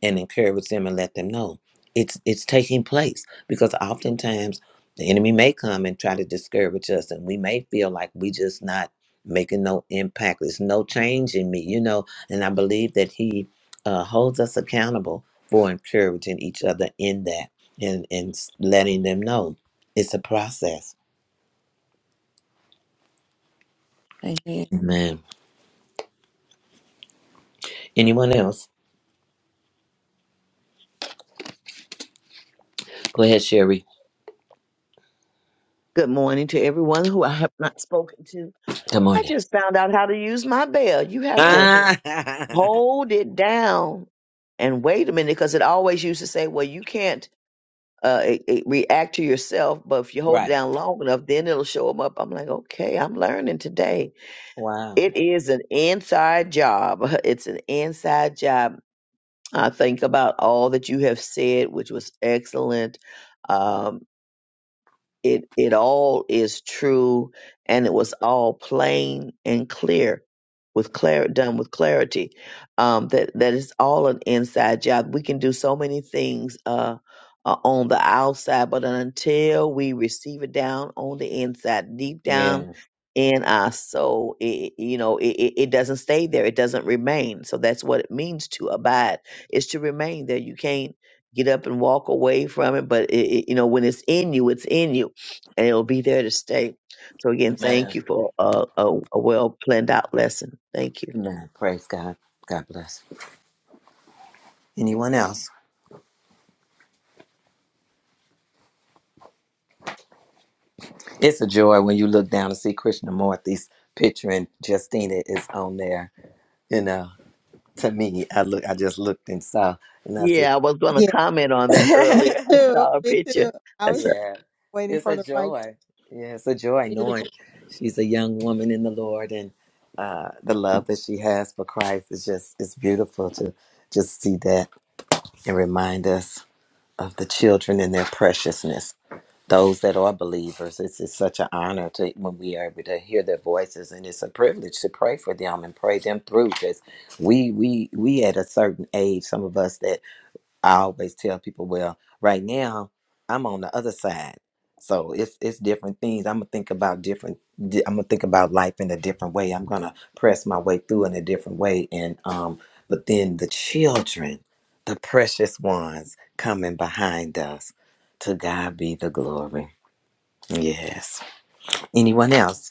S2: and encourage them and let them know it's it's taking place because oftentimes the enemy may come and try to discourage us and we may feel like we just not making no impact there's no change in me you know and i believe that he uh, holds us accountable for encouraging each other in that and and s- letting them know it's a process
S1: Amen.
S2: amen anyone else go ahead sherry
S3: Good morning to everyone who I have not spoken to.
S2: good
S3: I
S2: morning
S3: just found out how to use my bell. You have to
S2: right
S3: hold it down and wait a minute because it always used to say, well, you can't uh, it, it react to yourself, but if you hold it down long enough, then it'll show them up. I'm like, okay, I'm learning today.
S2: wow
S3: It is an inside job. It's an inside job. I think about all that you have said, which was excellent. Um, it it all is true and it was all plain and clear with clar done with clarity um that that is all an inside job we can do so many things uh, uh on the outside but until we receive it down on the inside deep down
S2: yeah
S3: in our soul it, you know it, it it doesn't stay there it doesn't remain so that's what it means to abide is to remain there you can't get up and walk away from it but it, it- you know when it's in you it's in you and it'll be there to stay. So again,
S2: man
S3: thank you for uh, a, a well planned out lesson. Thank you.
S2: No, praise God. God bless. Anyone else? It's a joy when you look down and see Krishnamurti's picture and Justina is on there. You know, to me, I look, I just looked and saw, and I said,
S3: Yeah, I was going to
S1: Yeah,
S3: comment on that earlier. I
S1: too,
S3: saw a
S1: me
S3: picture.
S1: too. I
S3: I
S1: was
S3: said,
S2: "Yeah, it's a
S1: right,
S2: joy. Yeah, it's a joy
S1: beautiful.
S2: knowing she's a young woman in the Lord, and uh, the love that she has for Christ is just it's beautiful to just see that and remind us of the children and their preciousness. those that are believers. It's, it's such an honor to when we are able to hear their voices, and it's a privilege to pray for them and pray them through. Because we we we at a certain age, some of us that I always tell people, well, right now I'm on the other side, so it's it's different things. I'm gonna think about different. di- I'm gonna think about life in a different way. I'm gonna press my way through in a different way, and um, but then the children, the precious ones coming behind us. To God be the glory. Yes. Anyone else?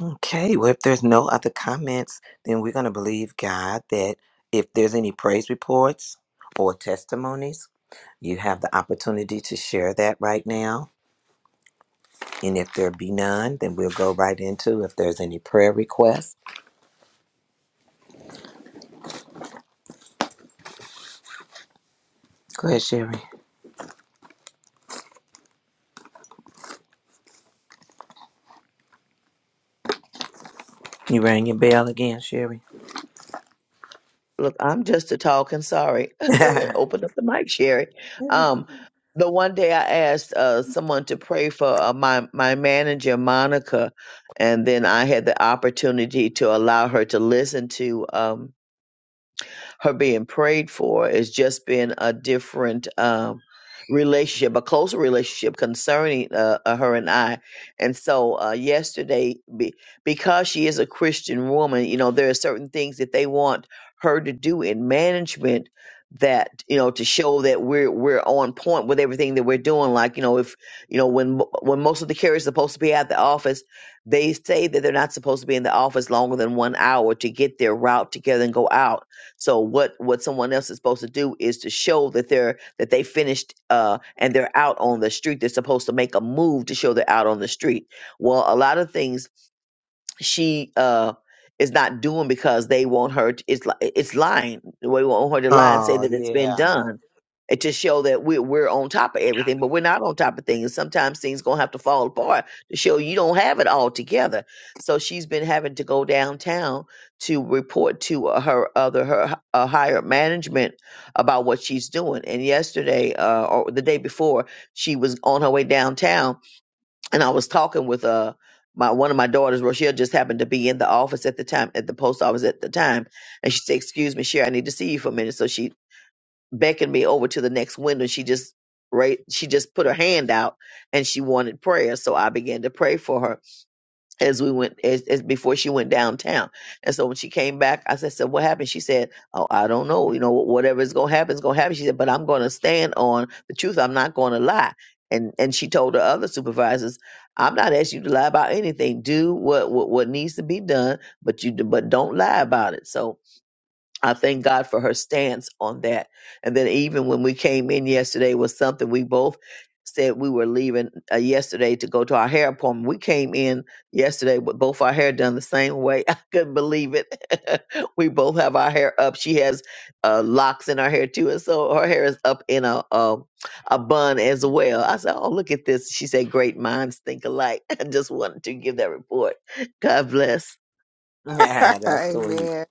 S2: Okay. Well, if there's no other comments, then we're going to believe God that if there's any praise reports or testimonies, you have the opportunity to share that right now. And if there be none, then we'll go right into if there's any prayer requests. Go ahead, Sherry. You rang your bell again, Sherry.
S3: "Look, I'm just a talking. Sorry."
S2: oh,
S3: Open up the mic, Sherry. Um, the one day I asked uh, someone to pray for uh, my my manager, Monica, and then I had the opportunity to allow her to listen to. Um, her being prayed for is just been a different um, relationship, a closer relationship concerning uh, uh, her and I. And so uh, yesterday, be, because she is a Christian woman, you know, there are certain things that they want her to do in management that you know to show that we're we're on point with everything that we're doing like you know if you know when when most of the carriers are supposed to be at the office they say that they're not supposed to be in the office longer than one hour to get their route together and go out so what what someone else is supposed to do is to show that they're that they finished uh and they're out on the street. They're supposed to make a move to show they're out on the street. Well, a lot of things she uh is not doing because they want her to, it's li- it's lying we want her to lie and say that it's been
S2: yeah.
S3: done and to show that we're, we're on top of everything but we're not on top of things sometimes things gonna have to fall apart to show you don't have it all together so she's been having to go downtown to report to uh, her other her h- uh, higher management about what she's doing and yesterday uh, or the day before she was on her way downtown and I was talking with uh my one of my daughters, Rochelle, just happened to be in the office at the time, at the post office at the time, and she said, "Excuse me, Sherry, I need to see you for a minute." So she beckoned me over to the next window. She just right, she just put her hand out, and she wanted prayer. So I began to pray for her as we went as, as before she went downtown. And so when she came back, I said, "So what happened?" She said, "Oh, I don't know. You know, whatever is going to happen is going to happen." She said, "But I'm going to stand on the truth. I'm not going to lie." And and she told her other supervisors, "I'm not asking you to lie about anything. Do what what, what needs to be done, but you but don't lie about it." So I thank God for her stance on that. And then even when we came in yesterday was something we both said we were leaving uh, yesterday to go to our hair appointment. We came in yesterday with both our hair done the same way. I couldn't believe it. we both have our hair up. She has uh, locks in her hair too, and so her hair is up in a a, a bun as well. I said, "Oh, look at this." She said, "Great minds think alike." I just wanted to give that report. God bless.
S2: Yeah, that's sweet.
S1: Amen.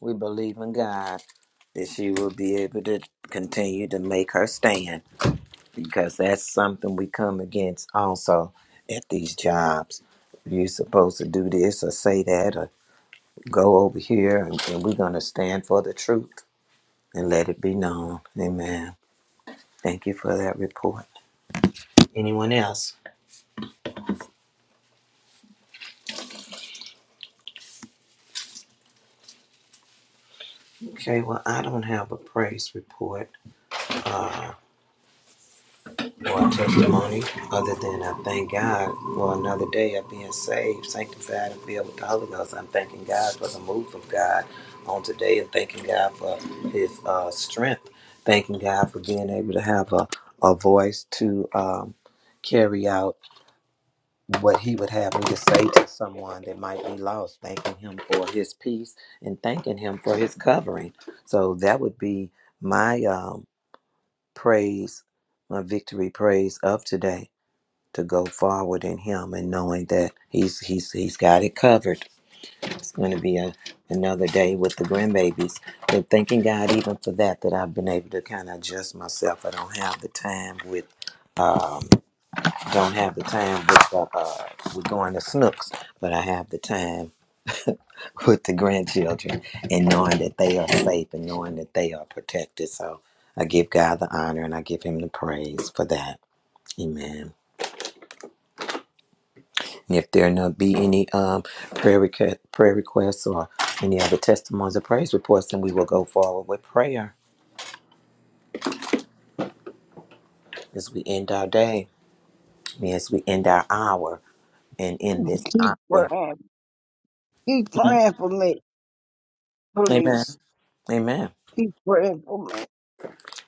S2: We believe in God that she will be able to continue to make her stand. because that's something we come against also at these jobs. You're supposed to do this or say that or go over here, and, and we're going to stand for the truth and let it be known. Amen. Thank you for that report. Anyone else? Okay, well, I don't have a praise report. Uh, for a testimony other than I thank God for another day of being saved, sanctified, and filled with the Holy Ghost. I'm thanking God for the move of God on today and thanking God for His uh, strength. Thanking God for being able to have a, a voice to um, carry out what He would have me to say to someone that might be lost. Thanking Him for His peace and thanking Him for His covering. So that would be my um, praise, my victory praise of today to go forward in him and knowing that he's he's he's got it covered. It's going to be a, another day with the grandbabies. And thanking God even for that that I've been able to kind of adjust myself. I don't have the time with um don't have the time with uh, uh with going to snooks, but I have the time with the grandchildren and knowing that they are safe and knowing that they are protected. So I give God the honor and I give him the praise for that. Amen. And if there not be any um, prayer, request, prayer requests or any other testimonies or praise reports, then we will go forward with prayer as we end our day, as we end our hour, and in this
S4: Keep
S2: hour.
S4: praying. Keep
S2: Mm.
S4: praying for me,
S2: Amen.
S4: please.
S2: Amen.
S4: Keep praying for me.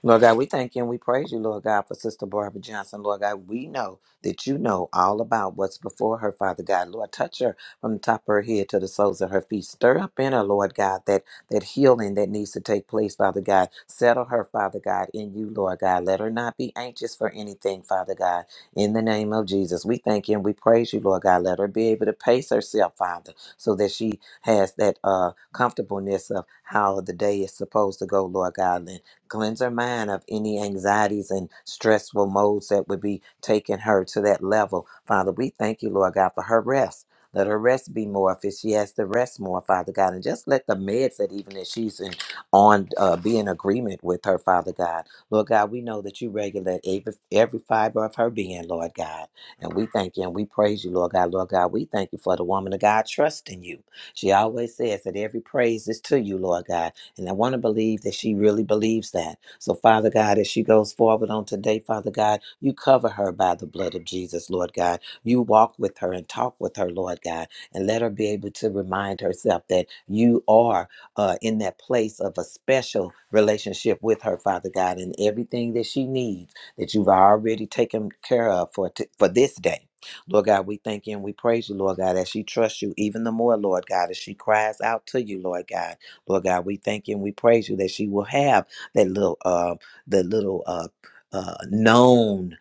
S2: Lord God, we thank you and we praise you, Lord God, for Sister Barbara Johnson. Lord God, we know that you know all about what's before her, Father God. Lord, touch her from the top of her head to the soles of her feet. Stir up in her, Lord God, that, that healing that needs to take place, Father God. Settle her, Father God, in you, Lord God. Let her not be anxious for anything, Father God. In the name of Jesus, we thank you and we praise you, Lord God. Let her be able to pace herself, Father, so that she has that uh, comfortableness of how the day is supposed to go, Lord God Cleanse her mind of any anxieties and stressful modes that would be taking her to that level. Father, we thank you, Lord God, for her rest. Let her rest be more if she has to rest more, Father God. And just let the meds that even that she's in on uh, be in agreement with her, Father God. Lord God, we know that you regulate every, every fiber of her being, Lord God. And we thank you and we praise you, Lord God. Lord God, we thank you for the woman of God trusting you. She always says that every praise is to you, Lord God. And I want to believe that she really believes that. So, Father God, as she goes forward on today, Father God, you cover her by the blood of Jesus, Lord God. You walk with her and talk with her, Lord God, and let her be able to remind herself that you are uh, in that place of a special relationship with her, Father God, and everything that she needs that you've already taken care of for, t- for this day. Lord God, we thank you and we praise you, Lord God, as she trusts you even the more, Lord God, as she cries out to you, Lord God. Lord God, we thank you and we praise you that she will have that little uh the little uh uh knownness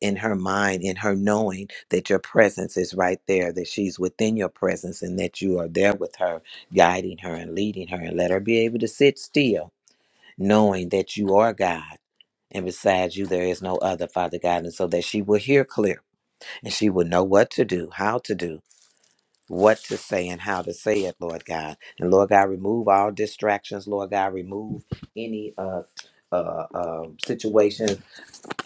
S2: in her mind, in her knowing that your presence is right there, that she's within your presence and that you are there with her, guiding her and leading her, and let her be able to sit still, knowing that you are God. And besides you, there is no other Father God. And so that she will hear clear and she will know what to do, how to do, what to say and how to say it, Lord God. And Lord God, remove all distractions, Lord God, remove any uh uh, uh, situations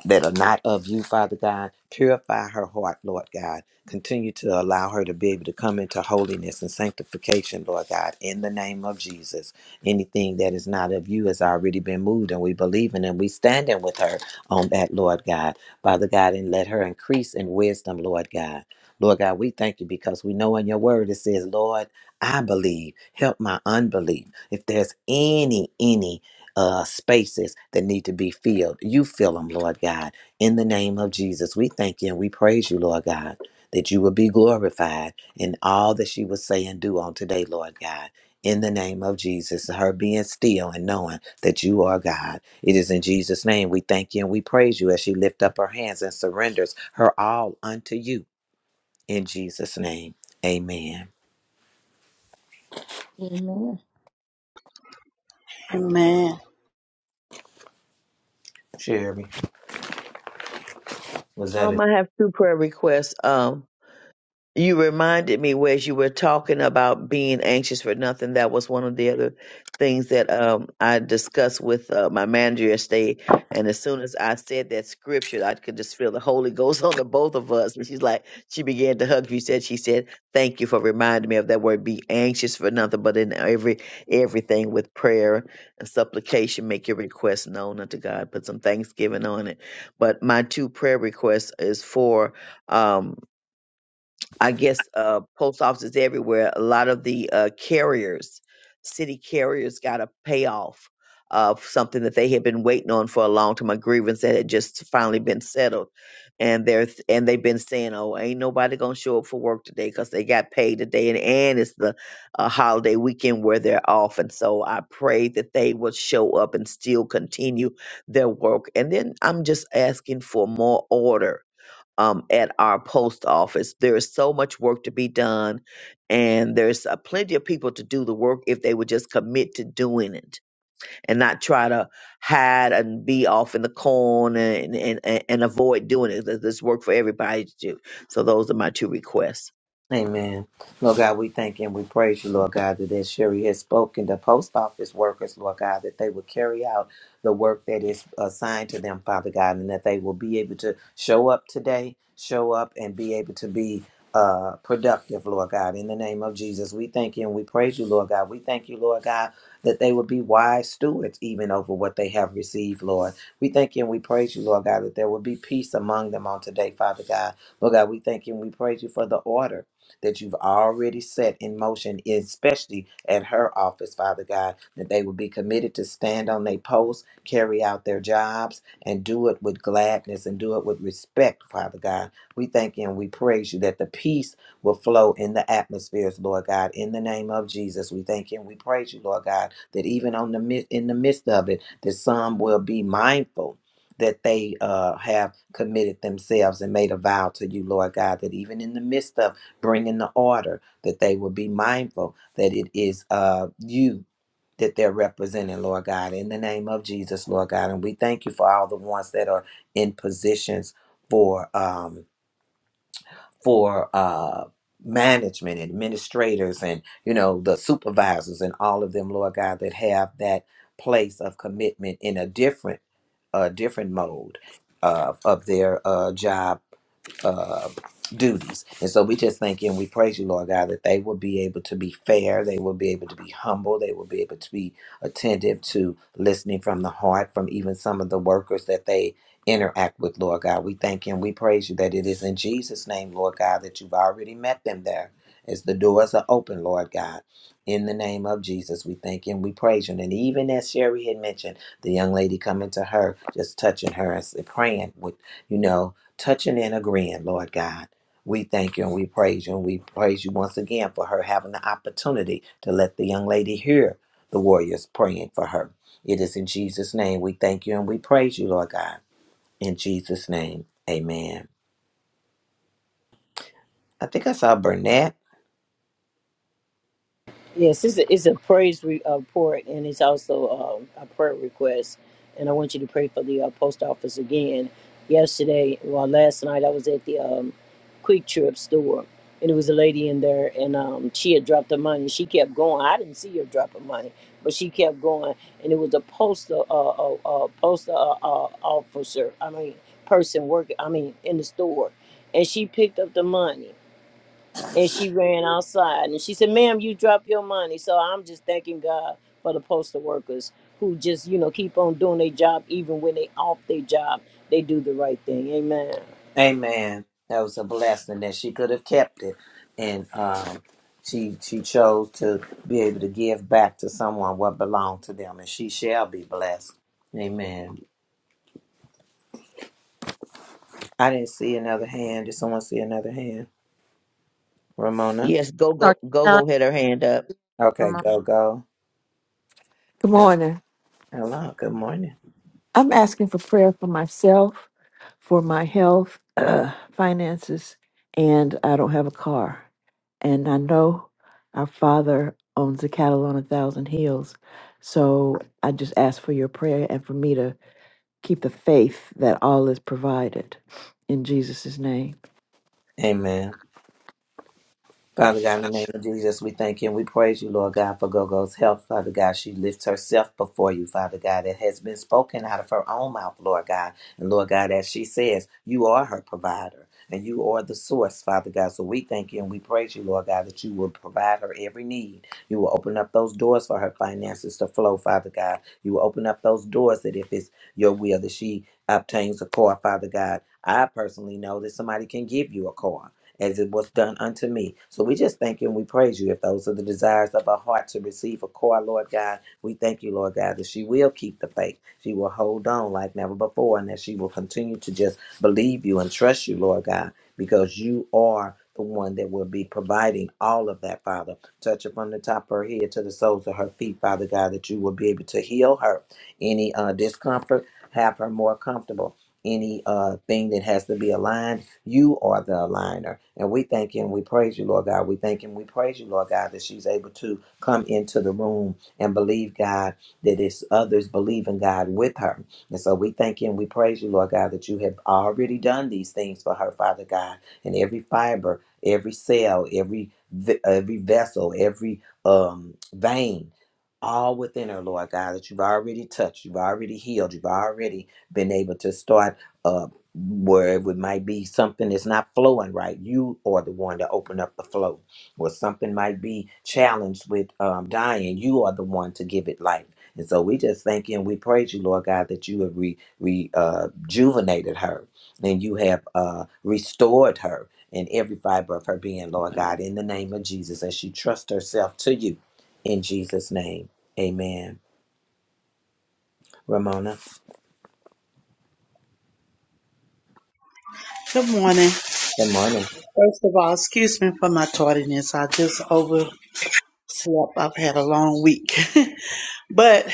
S2: that are not of you, Father God. Purify her heart, Lord God. Continue to allow her to be able to come into holiness and sanctification, Lord God, in the name of Jesus. Anything that is not of you has already been moved, and we believe in and we stand in with her on that, Lord God. Father God, and let her increase in wisdom, Lord God. Lord God, we thank you because we know in your word it says, Lord, I believe. Help my unbelief. If there's any, any uh, spaces that need to be filled. You fill them, Lord God. In the name of Jesus, we thank you and we praise you, Lord God, that you will be glorified in all that she will say and do on today, Lord God. In the name of Jesus, her being still and knowing that you are God. It is in Jesus' name we thank you and we praise you as she lifts up her hands and surrenders her all unto you. In Jesus' name, amen.
S1: Amen.
S5: Amen.
S2: Sherry, was that it?
S3: Um, I have two prayer requests. Um, You reminded me whereas you were talking about being anxious for nothing. That was one of the other things that um, I discussed with uh, my manager yesterday. And as soon as I said that scripture, I could just feel the Holy Ghost on the both of us. And she's like, she began to hug. She said, she said, "Thank you for reminding me of that word. Be anxious for nothing, but in every everything with prayer and supplication, make your requests known unto God. Put some thanksgiving on it." But my two prayer requests is for. Um, I guess uh, post offices everywhere, a lot of the uh, carriers, city carriers, got a payoff of something that they had been waiting on for a long time, a grievance that had just finally been settled, and they're and they've been saying, "Oh, ain't nobody gonna show up for work today because they got paid today," and and it's the uh, holiday weekend where they're off, and so I pray that they will show up and still continue their work, and then I'm just asking for more order um, at our post office. There is so much work to be done, and there's uh, plenty of people to do the work if they would just commit to doing it and not try to hide and be off in the corner and and, and, and avoid doing it. There's there's work for everybody to do. So those are my two requests.
S2: Amen. Lord God, we thank you and we praise you, Lord God, that as Sherry has spoken, the post office workers, Lord God, that they will carry out the work that is assigned to them, Father God, and that they will be able to show up today, show up and be able to be uh, productive, Lord God, in the name of Jesus. We thank you and we praise you, Lord God. We thank you, Lord God, that they will be wise stewards even over what they have received, Lord. We thank you and we praise you, Lord God, that there will be peace among them on today, Father God. Lord God, we thank you and we praise you for the order that you've already set in motion, especially at her office, Father God, that they will be committed to stand on their posts, carry out their jobs, and do it with gladness and do it with respect, Father God. We thank you and we praise you that the peace will flow in the atmospheres, Lord God. In the name of Jesus, we thank you and we praise you, Lord God, that even on the mid- in the midst of it, that some will be mindful that they uh, have committed themselves and made a vow to you, Lord God, that even in the midst of it, bring in the order, that they will be mindful that it is uh, you that they're representing, Lord God, in the name of Jesus, Lord God. And we thank you for all the ones that are in positions for um for uh management administrators and you know the supervisors and all of them lord god that have that place of commitment in a different a different mode of, of their uh, job uh, duties. And so we just thank you and we praise you, Lord God, that they will be able to be fair, they will be able to be humble, they will be able to be attentive to listening from the heart, from even some of the workers that they interact with, Lord God. We thank you and we praise you that it is in Jesus' name, Lord God, that you've already met them there. As the doors are open, Lord God, in the name of Jesus, we thank you and we praise you. And even as Sherry had mentioned, the young lady coming to her, just touching her and praying with, you know, touching and agreeing, Lord God. We thank you and we praise you and we praise you once again for her having the opportunity to let the young lady hear the warriors praying for her. It is in Jesus' name we thank you and we praise you, Lord God. In Jesus' name, amen. I think I saw Burnett.
S6: Yes, it's a, it's a praise re- uh, report and it's also um, a prayer request. And I want you to pray for the uh, post office again. Yesterday, well, last night, I was at the um, Quick Trip store and there was a lady in there and um, she had dropped her money. She kept going. I didn't see her drop her money, but she kept going. And it was a postal, uh, uh, uh, postal uh, uh, officer, I mean, person working, I mean, in the store. And she picked up the money and she ran outside and she said ma'am you dropped your money so i'm just thanking god for the postal workers who just you know keep on doing their job even when they off their job they do the right thing amen
S2: Amen. That was a blessing that she could have kept it. And um, she she chose to be able to give back to someone what belonged to them, and she shall be blessed. Amen. I didn't see another hand. Did someone see another hand? Ramona?
S3: Yes, go go go go. Had her hand up.
S2: Okay, go, go.
S7: Good morning.
S2: Hello, good morning.
S7: I'm asking for prayer for myself, for my health, uh, finances, and I don't have a car. And I know our Father owns the cattle on a thousand hills. So I just ask for your prayer and for me to keep the faith that all is provided in Jesus' name.
S2: Amen. Father God, in the name of Jesus, we thank you and we praise you, Lord God, for Gogo's health. Father God, she lifts herself before you, Father God. It has been spoken out of her own mouth, Lord God. And Lord God, as she says, you are her provider and you are the source, Father God. So we thank you and we praise you, Lord God, that you will provide her every need. You will open up those doors for her finances to flow, Father God. You will open up those doors that if it's your will that she obtains a car, Father God. I personally know that somebody can give you a car as it was done unto me. So we just thank you and we praise you. If those are the desires of our heart to receive a core, Lord God, we thank you, Lord God, that she will keep the faith. She will hold on like never before and that she will continue to just believe you and trust you, Lord God, because you are the one that will be providing all of that, Father. Touch her from the top of her head to the soles of her feet, Father God, that you will be able to heal her. Any uh, discomfort, have her more comfortable. Any uh, thing that has to be aligned you are the aligner. And we thank you and we praise you, Lord God. We thank you and we praise you, Lord God, that she's able to come into the room and believe, God, that it's others believing God with her. And so we thank you and we praise you, Lord God, that you have already done these things for her, Father God. And every fiber, every cell, every ve- every vessel, every um vein, all within her, Lord God, that you've already touched, you've already healed, you've already been able to start. uh, where it would- might be something is not flowing right. You are the one to open up the flow, or something might be challenged with um, dying. You are the one to give it life. And so we just thank you and we praise you, Lord God, that you have re, re, uh, rejuvenated her and you have uh, restored her in every fiber of her being, Lord God, in the name of Jesus, as she trusts herself to you in Jesus' name. Amen. Ramona,
S5: Good morning. First
S2: good morning.
S5: of all, excuse me for my tardiness. I just overslept. I've had a long week. but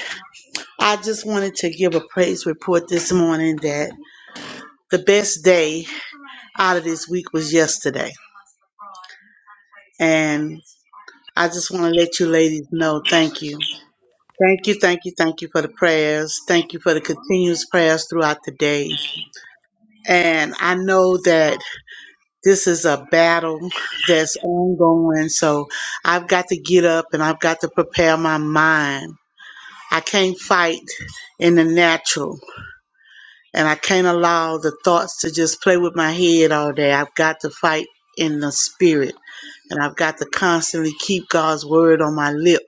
S5: I just wanted to give a praise report this morning that the best day out of this week was yesterday. And I just want to let you ladies know thank you. Thank you, thank you, thank you for the prayers. Thank you for the continuous prayers throughout the day. And I know that this is a battle that's ongoing. So I've got to get up and I've got to prepare my mind. I can't fight in the natural and I can't allow the thoughts to just play with my head all day. I've got to fight in the spirit and I've got to constantly keep God's word on my lip.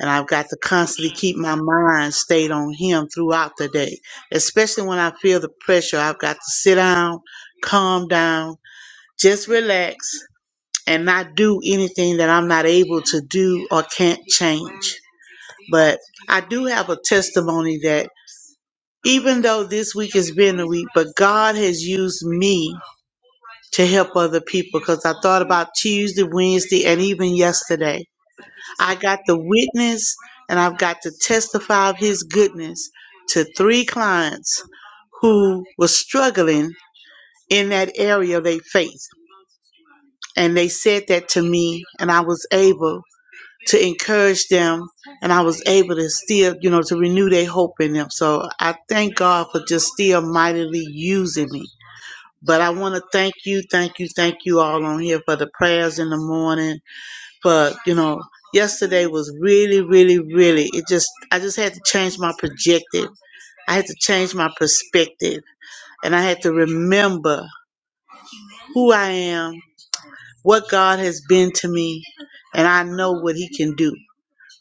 S5: And I've got to constantly keep my mind stayed on Him throughout the day, especially when I feel the pressure. I've got to sit down, calm down, just relax, and not do anything that I'm not able to do or can't change. But I do have a testimony that even though this week has been a week, but God has used me to help other people because I thought about Tuesday, Wednesday, and even yesterday. I got the witness and I've got to testify of His goodness to three clients who were struggling in that area of their faith. And they said that to me, and I was able to encourage them and I was able to still, you know, to renew their hope in them. So I thank God for just still mightily using me. But I want to thank you, thank you, thank you all on here for the prayers in the morning. For, you know, yesterday was really, really, really, it just, I just had to change my projective. I had to change my perspective and I had to remember who I am, what God has been to me, and I know what He can do.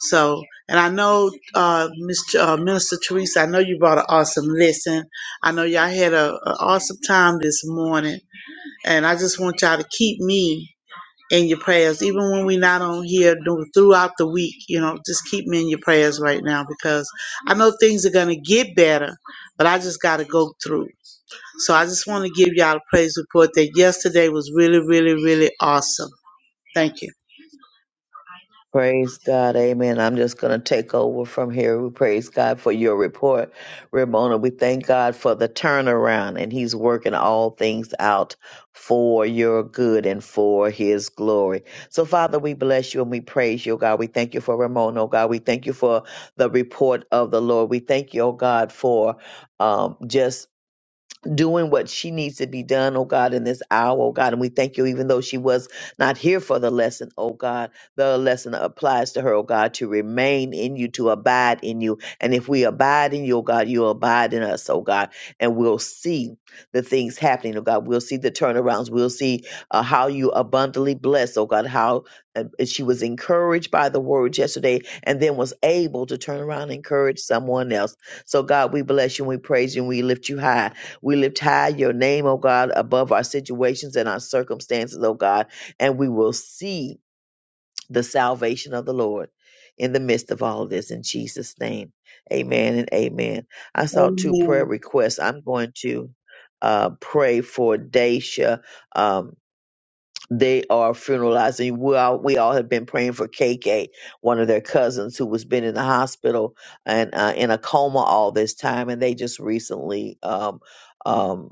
S5: So, and I know, uh, Miss T- uh, Minister Teresa, I know you brought an awesome lesson. I know y'all had a, a awesome time this morning, and I just want y'all to keep me in your prayers, even when we're not on here do- throughout the week. You know, just keep me in your prayers right now because I know things are gonna get better, but I just gotta go through. So I just want to give y'all a praise report that yesterday was really, really, really awesome. Thank you.
S3: Praise God. Amen. I'm just going to take over from here. We praise God for your report, Ramona. We thank God for the turnaround, and He's working all things out for your good and for His glory. So, Father, we bless you and we praise you, oh God. We thank you for Ramona, oh God. We thank you for the report of the Lord. We thank you, oh God, for um, just doing what she needs to be done, oh God, in this hour, oh God. And we thank you, even though she was not here for the lesson, oh God, the lesson applies to her, oh God, to remain in you, to abide in you. And if we abide in you, oh God, you abide in us, oh God, and we'll see the things happening, oh God. We'll see the turnarounds. We'll see uh, how you abundantly bless, oh God, how uh, she was encouraged by the words yesterday and then was able to turn around and encourage someone else. So, God, we bless you and we praise you and we lift you high we lift high your name, oh God, above our situations and our circumstances, oh God, and we will see the salvation of the Lord in the midst of all of this in Jesus' name. Amen and amen. I saw two prayer
S5: Amen.
S3: requests. I'm going to uh, pray for Daisha. Um, they are funeralizing. We all, we all have been praying for KK, one of their cousins who was been in the hospital and uh, in a coma all this time. And they just recently um, um,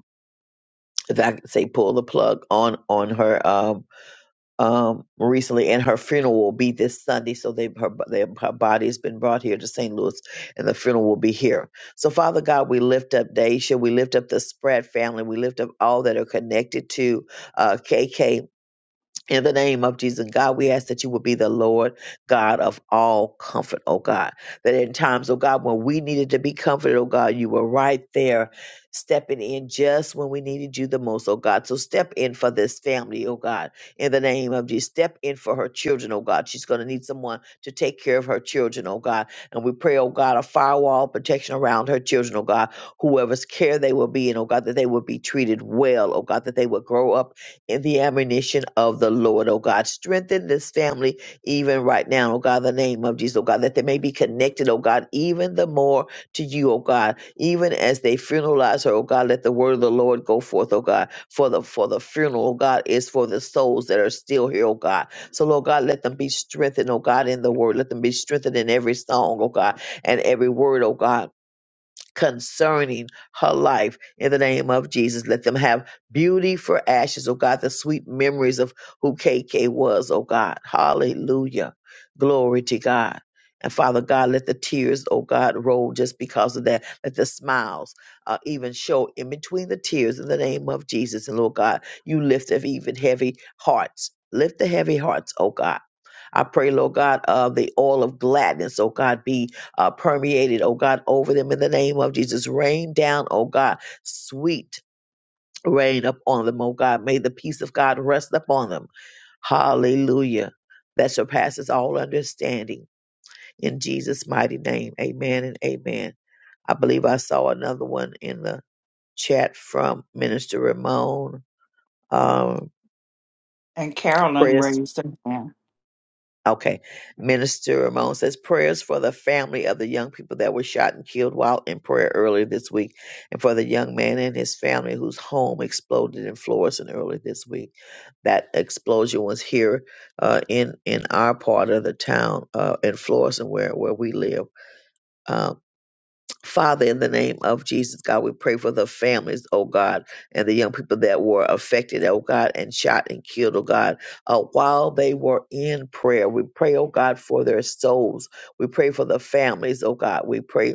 S3: if I could say pull the plug on on her um um recently and her funeral will be this Sunday so they her they, her body has been brought here to St. Louis and the funeral will be here. So Father God, we lift up Daisha, we lift up the Spread family, we lift up all that are connected to uh KK in the name of Jesus, God, we ask that you would be the Lord God of all comfort, oh God. That in times, oh God, when we needed to be comforted, oh God, you were right there stepping in just when we needed you the most, oh God. So step in for this family, oh God, in the name of Jesus. Step in for her children, oh God. She's going to need someone to take care of her children, oh God. And we pray, oh God, a firewall of protection around her children, oh God. Whoever's care they will be in, oh God, that they will be treated well, oh God, that they will grow up in the admonition of the Lord, oh God. Strengthen this family even right now, oh God, in the name of Jesus, oh God, that they may be connected, oh God, even the more to you, oh God. Even as they funeralize her, oh God, let the word of the Lord go forth, oh God, for the for the funeral, oh God, is for the souls that are still here, oh God. So Lord God, let them be strengthened, oh God, in the word. Let them be strengthened in every song, oh God, and every word, oh God concerning her life in the name of Jesus. Let them have beauty for ashes, oh God, the sweet memories of who KK was, oh God. Hallelujah. Glory to God. And Father God, let the tears, oh God, roll just because of that. Let the smiles uh, even show in between the tears in the name of Jesus. And Lord God, you lift up even heavy hearts. Lift the heavy hearts, oh God. I pray, Lord God, of the oil of gladness, oh God, be uh, permeated, oh God, over them in the name of Jesus. Rain down, oh God, sweet rain upon them, oh God. May the peace of God rest upon them. Hallelujah. That surpasses all understanding. In Jesus' mighty name, amen and amen. I believe I saw another one in the chat from Minister Ramon. Um,
S8: And Carolyn
S3: prayers
S8: raised her hand.
S3: Okay. Minister Ramon says prayers for the family of the young people that were shot and killed while in prayer earlier this week, and for the young man and his family whose home exploded in Florissant earlier this week. That explosion was here uh, in in our part of the town uh, in Florissant, where where we live. Um, Father, in the name of Jesus, God, we pray for the families, oh God, and the young people that were affected, oh God, and shot and killed, oh God, uh, while they were in prayer. We pray, oh God, for their souls. We pray for the families, oh God. We pray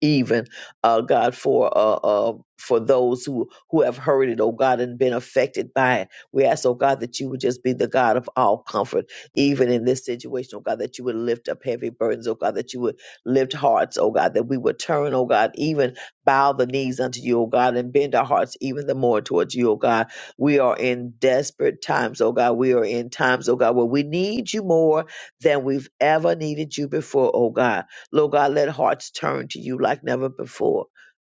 S3: even uh, God for uh, uh, for those who who have heard it, oh God, and been affected by it. We ask, oh God, that you would just be the God of all comfort, even in this situation, oh God, that you would lift up heavy burdens, oh God, that you would lift hearts, oh God, that we would turn, oh God, even bow the knees unto you, oh God, and bend our hearts even the more towards you, oh God. We are in desperate times, oh God. We are in times, oh God, where we need you more than we've ever needed you before, oh God. Lord God, let hearts turn to you like never before.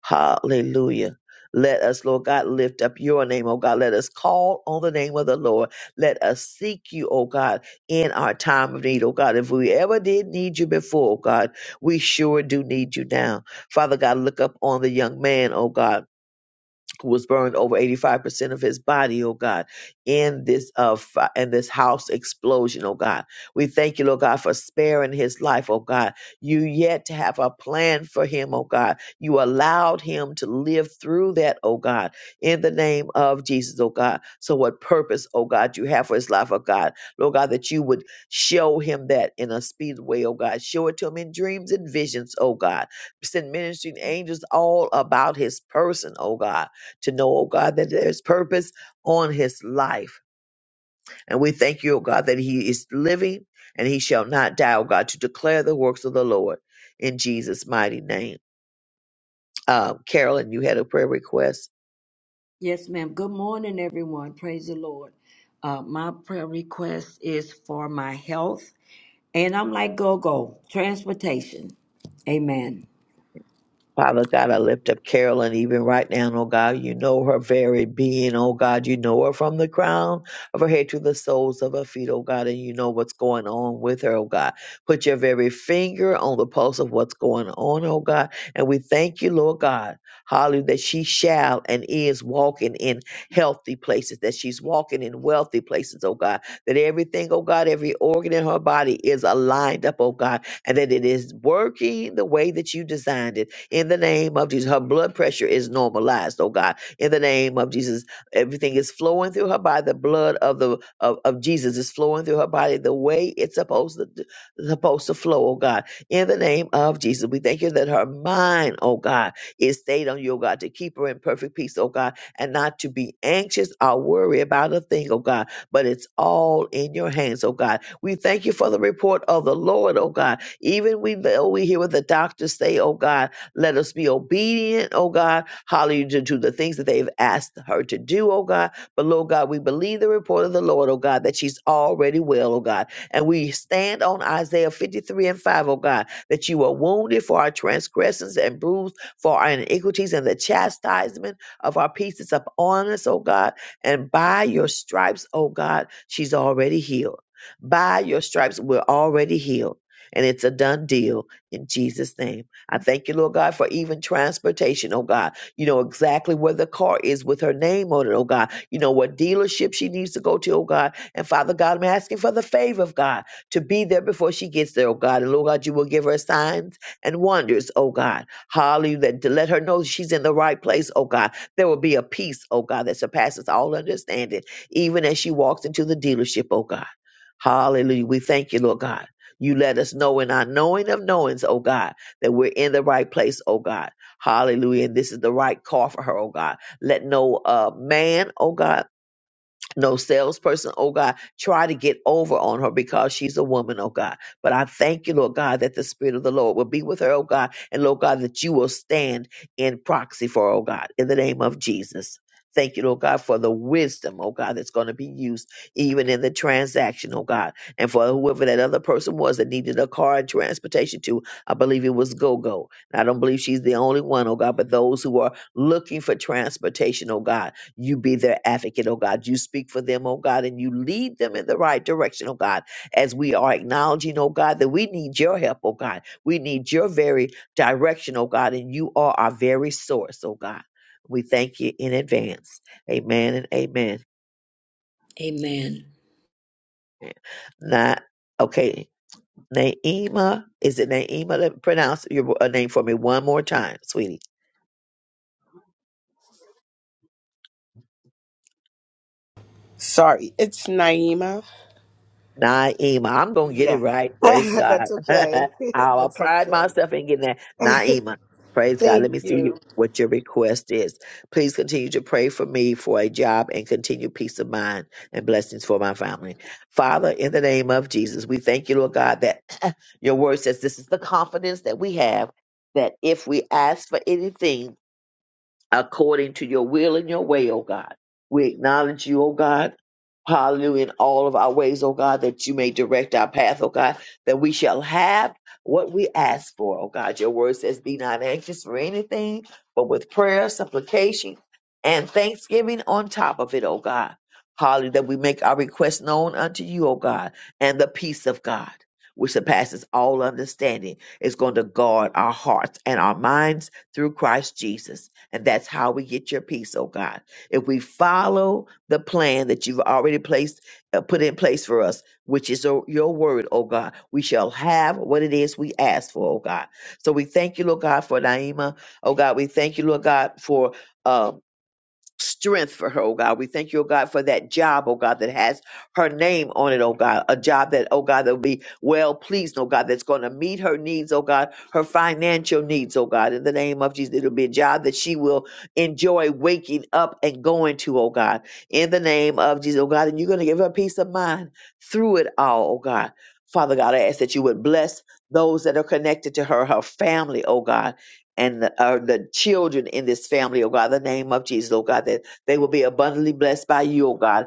S3: Hallelujah. Let us, Lord God, lift up your name, oh God. Let us call on the name of the Lord. Let us seek you, oh God, in our time of need, oh God. If we ever did need you before, oh God, we sure do need you now. Father God, look up on the young man, oh God was burned over 85% of his body, oh God, in this uh fi- in this house explosion, oh God. We thank you, Lord God, for sparing his life, oh God. You yet to have a plan for him, oh God. You allowed him to live through that, oh God, in the name of Jesus, oh God. So what purpose, oh God, you have for his life, oh God. Lord God, that you would show him that in a speed way, oh God. Show it to him in dreams and visions, oh God. Send ministering angels all about his person, oh God to know, oh God, that there's purpose on his life. And we thank you, oh God, that he is living and he shall not die, oh God, to declare the works of the Lord in Jesus' mighty name. Um, Carolyn, you had a prayer request.
S9: Yes, ma'am. Good morning, everyone. Praise the Lord. Uh, my prayer request is for my health, and I'm like go go transportation. Amen.
S3: Father God, I lift up Carolyn even right now, oh God. You know her very being, oh God. You know her from the crown of her head to the soles of her feet, oh God, and you know what's going on with her, oh God. Put your very finger on the pulse of what's going on, oh God. And we thank you, Lord God, hallelujah, that she shall and is walking in healthy places, that she's walking in wealthy places, oh God. That everything, oh God, every organ in her body is aligned up, oh God, and that it is working the way that you designed it in the name of Jesus. Her blood pressure is normalized, oh God. In the name of Jesus, everything is flowing through her body. The blood of the of, of Jesus is flowing through her body the way it's supposed to supposed to flow, oh God. In the name of Jesus, we thank you that her mind, oh God, is stayed on you, oh God, to keep her in perfect peace, oh God, and not to be anxious or worry about a thing, oh God. But it's all in your hands, oh God. We thank you for the report of the Lord, oh God. Even we though we hear what the doctors say, oh God, let us be obedient, oh God. Hallelujah to to the things that they've asked her to do, oh God. But Lord God, we believe the report of the Lord, oh God, that she's already well, oh God. And we stand on Isaiah 53 and 5, O God, that you were wounded for our transgressions and bruised for our iniquities, and the chastisement of our peace is upon us, oh God. And by your stripes, oh God, she's already healed. By your stripes, we're already healed. And it's a done deal in Jesus' name. I thank you, Lord God, for even transportation, oh God. You know exactly where the car is with her name on it, oh God. You know what dealership she needs to go to, oh God. And Father God, I'm asking for the favor of God to be there before she gets there, oh God. And Lord God, you will give her signs and wonders, oh God. Hallelujah. that To let her know she's in the right place, oh God. There will be a peace, oh God, that surpasses all understanding, even as she walks into the dealership, oh God. Hallelujah. We thank you, Lord God. You let us know in our knowing of knowings, oh God that we're in the right place, oh God. Hallelujah. And this is the right call for her, oh God. Let no uh, man, oh God, no salesperson, oh God, try to get over on her because she's a woman, oh God. But I thank you, Lord God, that the Spirit of the Lord will be with her, oh God, and Lord God, that you will stand in proxy for, her, oh God, in the name of Jesus. Thank you, Lord God, for the wisdom, oh God, that's going to be used even in the transaction, oh God. And for whoever that other person was that needed a car and transportation to, I believe it was GoGo. And I don't believe she's the only one, oh God, but those who are looking for transportation, oh God. You be their advocate, oh God. You speak for them, oh God, and you lead them in the right direction, oh God, as we are acknowledging, oh God, that we need your help, oh God. We need your very direction, oh God, and you are our very source, oh God. We thank you in advance. Amen and amen.
S9: Amen.
S3: Not okay. Naima, is it Naima? Let me pronounce your uh, name for me one more time, sweetie.
S10: Sorry, it's Naima.
S3: Naima. I'm gonna get it
S10: Yeah.
S3: right. Praise God.
S10: That's okay.
S3: I'll
S10: That's
S3: pride
S10: okay.
S3: myself in getting that. Naima. Praise God.
S10: Thank
S3: Let me see
S10: you.
S3: what your request is. Please continue to pray for me for a job and continue peace of mind and blessings for my family. Father, in the name of Jesus, we thank you, Lord God, that your word says this is the confidence that we have that if we ask for anything according to your will and your way, O God. We acknowledge you, O God. Hallelujah, in all of our ways, O God, that you may direct our path, O God, that we shall have what we ask for, O God. Your word says, Be not anxious for anything, but with prayer, supplication, and thanksgiving on top of it, O God. Hallelujah, that we make our request known unto you, O God, and the peace of God, which surpasses all understanding, is going to guard our hearts and our minds through Christ Jesus. And that's how we get your peace, oh God. If we follow the plan that you've already placed, uh, put in place for us, which is uh, your word, oh God, we shall have what it is we ask for, oh God. So we thank you, Lord God, for Naima. Oh God, we thank you, Lord God, for. um strength for her, oh God. We thank you, oh God, for that job, oh God, that has her name on it, oh God. A job that, oh God, that will be well pleased, oh God, that's going to meet her needs, oh God, her financial needs, oh God. In the name of Jesus, it'll be a job that she will enjoy waking up and going to, oh God. In the name of Jesus, oh God. And you're going to give her peace of mind through it all, oh God. Father God, I ask that you would bless those that are connected to her, her family, oh God and the, uh, the children in this family, oh God, the name of Jesus, oh God, that they will be abundantly blessed by you, oh God.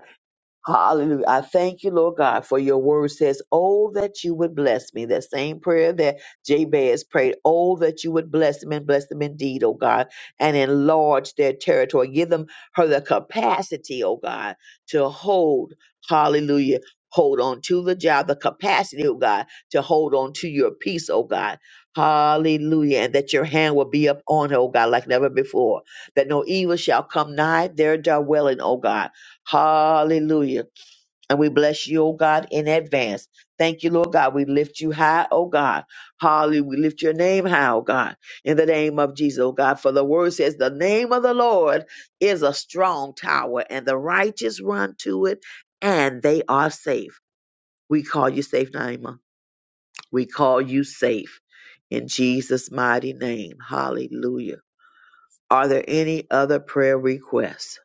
S3: Hallelujah. I thank you, Lord God, for your word says, Oh, that you would bless me. That same prayer that Jabez prayed, Oh, that you would bless them and bless them indeed, oh God, and enlarge their territory. Give them her the capacity, oh God, to hold, hallelujah, hold on to the job, the capacity, oh God, to hold on to your peace, oh God. Hallelujah. And that your hand will be up on her, oh God, like never before. That no evil shall come nigh their dwelling, oh God Hallelujah. And we bless you, oh God, in advance. Thank you, Lord God. We lift you high, oh God. Hallelujah. We lift your name high, oh God, in the name of Jesus, oh God. For the word says, the name of the Lord is a strong tower, and the righteous run to it, and they are safe. We call you safe, Naima. We call you safe in Jesus' mighty name. Hallelujah. Are there any other prayer requests?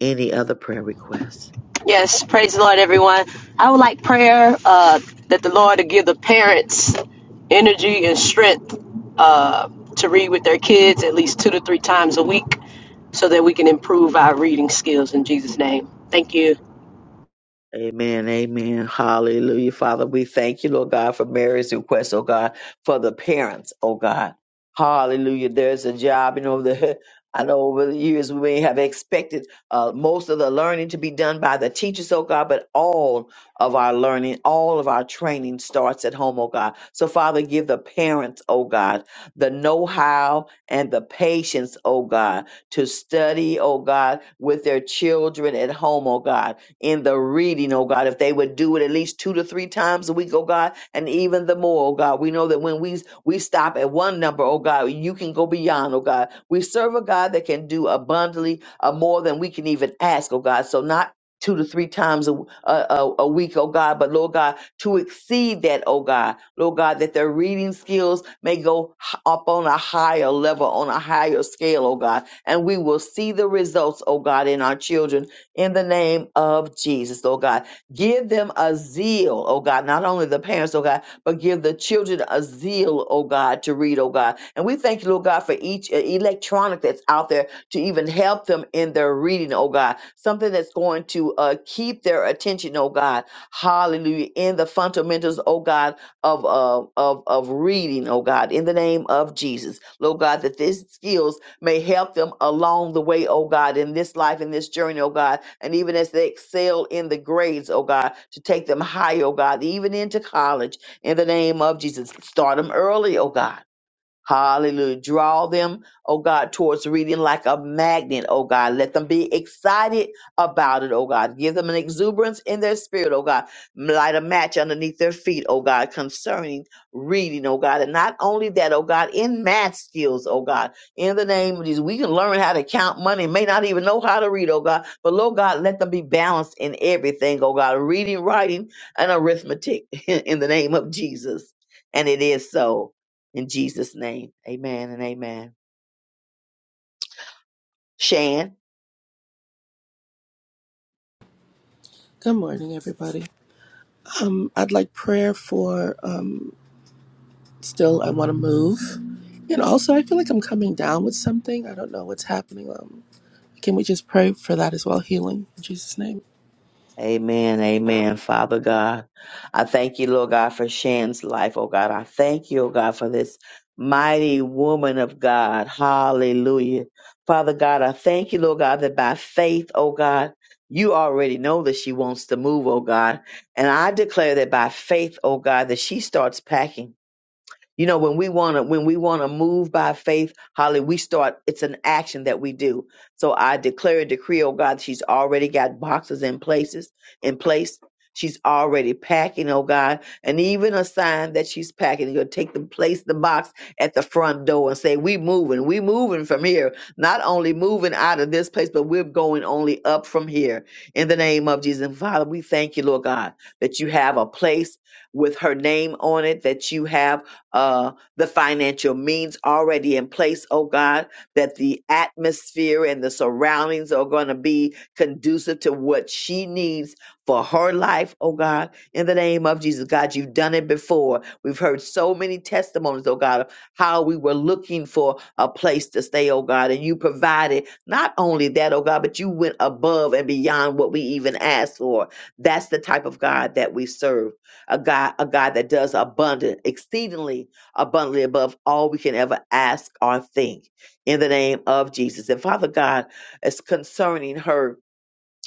S3: Any other prayer requests?
S11: Yes, praise the Lord, everyone. I would like prayer uh, that the Lord to give the parents energy and strength uh, to read with their kids at least two to three times a week so that we can improve our reading skills in Jesus' name. Thank you.
S3: Amen, amen. Hallelujah. Father, we thank you, Lord God, for Mary's request, oh God, for the parents, oh God. Hallelujah. There's a job, you know, the I know over the years we may have expected uh, most of the learning to be done by the teachers, oh God, but all of our learning, all of our training starts at home, oh God. So, Father, give the parents, oh God, the know how and the patience, oh God, to study, oh God, with their children at home, oh God in the reading, oh God. If they would do it at least two to three times a week, oh God, and even the more, oh God. We know that when we we stop at one number, oh God, you can go beyond, oh God. We serve a God that can do abundantly uh, more than we can even ask, oh God. So not two to three times a, a, a a week, oh God, but Lord God, to exceed that, oh God, Lord God, that their reading skills may go h- up on a higher level, on a higher scale, oh God, and we will see the results, oh God, in our children in the name of Jesus, oh God. Give them a zeal, oh God, not only the parents, oh God, but give the children a zeal, oh God, to read, oh God. And we thank you, Lord God, for each uh, electronic that's out there to even help them in their reading, oh God. Something that's going to uh, keep their attention, oh God. Hallelujah. In the fundamentals, oh God, of, uh, of, of reading, oh God, in the name of Jesus. Lord God, that these skills may help them along the way, oh God, in this life, in this journey, oh God, and even as they excel in the grades, oh God, to take them high, oh God, even into college, in the name of Jesus. Start them early, oh God Hallelujah. Draw them, oh God, towards reading like a magnet, oh God. Let them be excited about it, oh God. Give them an exuberance in their spirit, oh God. Light a match underneath their feet, oh God, concerning reading, oh God. And not only that, oh God, in math skills, oh God. In the name of Jesus, we can learn how to count money, may not even know how to read, oh God. But, Lord God, let them be balanced in everything, oh God. Reading, writing, and arithmetic in the name of Jesus. And it is so. In Jesus' name, amen and amen. Shan,
S12: Good morning, everybody. Um, I'd like prayer for um, still, I want to move. And also, I feel like I'm coming down with something. I don't know what's happening. Um, can we just pray for that as well? Healing in Jesus' name.
S3: amen, amen. Father God, I thank you, Lord God, for Shan's life, oh God. I thank you, oh God, for this mighty woman of God. Hallelujah. Father God, I thank you, Lord God, that by faith, oh God, you already know that she wants to move, oh God. And I declare that by faith, oh God, that she starts packing. You know, when we want to when we want to move by faith, Holly, we start it's an action that we do. So I declare and decree, oh God, she's already got boxes in places in place. She's already packing, oh God, and even a sign that she's packing. you are gonna take the place the box at the front door and say, "We moving, we moving from here. Not only moving out of this place, but we're going only up from here." In the name of Jesus, And Father, we thank you, Lord God, that you have a place with her name on it. That you have uh, the financial means already in place, oh God, that the atmosphere and the surroundings are going to be conducive to what she needs for her life, oh God, in the name of Jesus. God, you've done it before. We've heard so many testimonies, oh God, of how we were looking for a place to stay, oh God, and you provided not only that, oh God, but you went above and beyond what we even asked for. That's the type of God that we serve a God, a God that does abundant, exceedingly abundantly above all we can ever ask or think. In the name of Jesus. And Father God, it's concerning her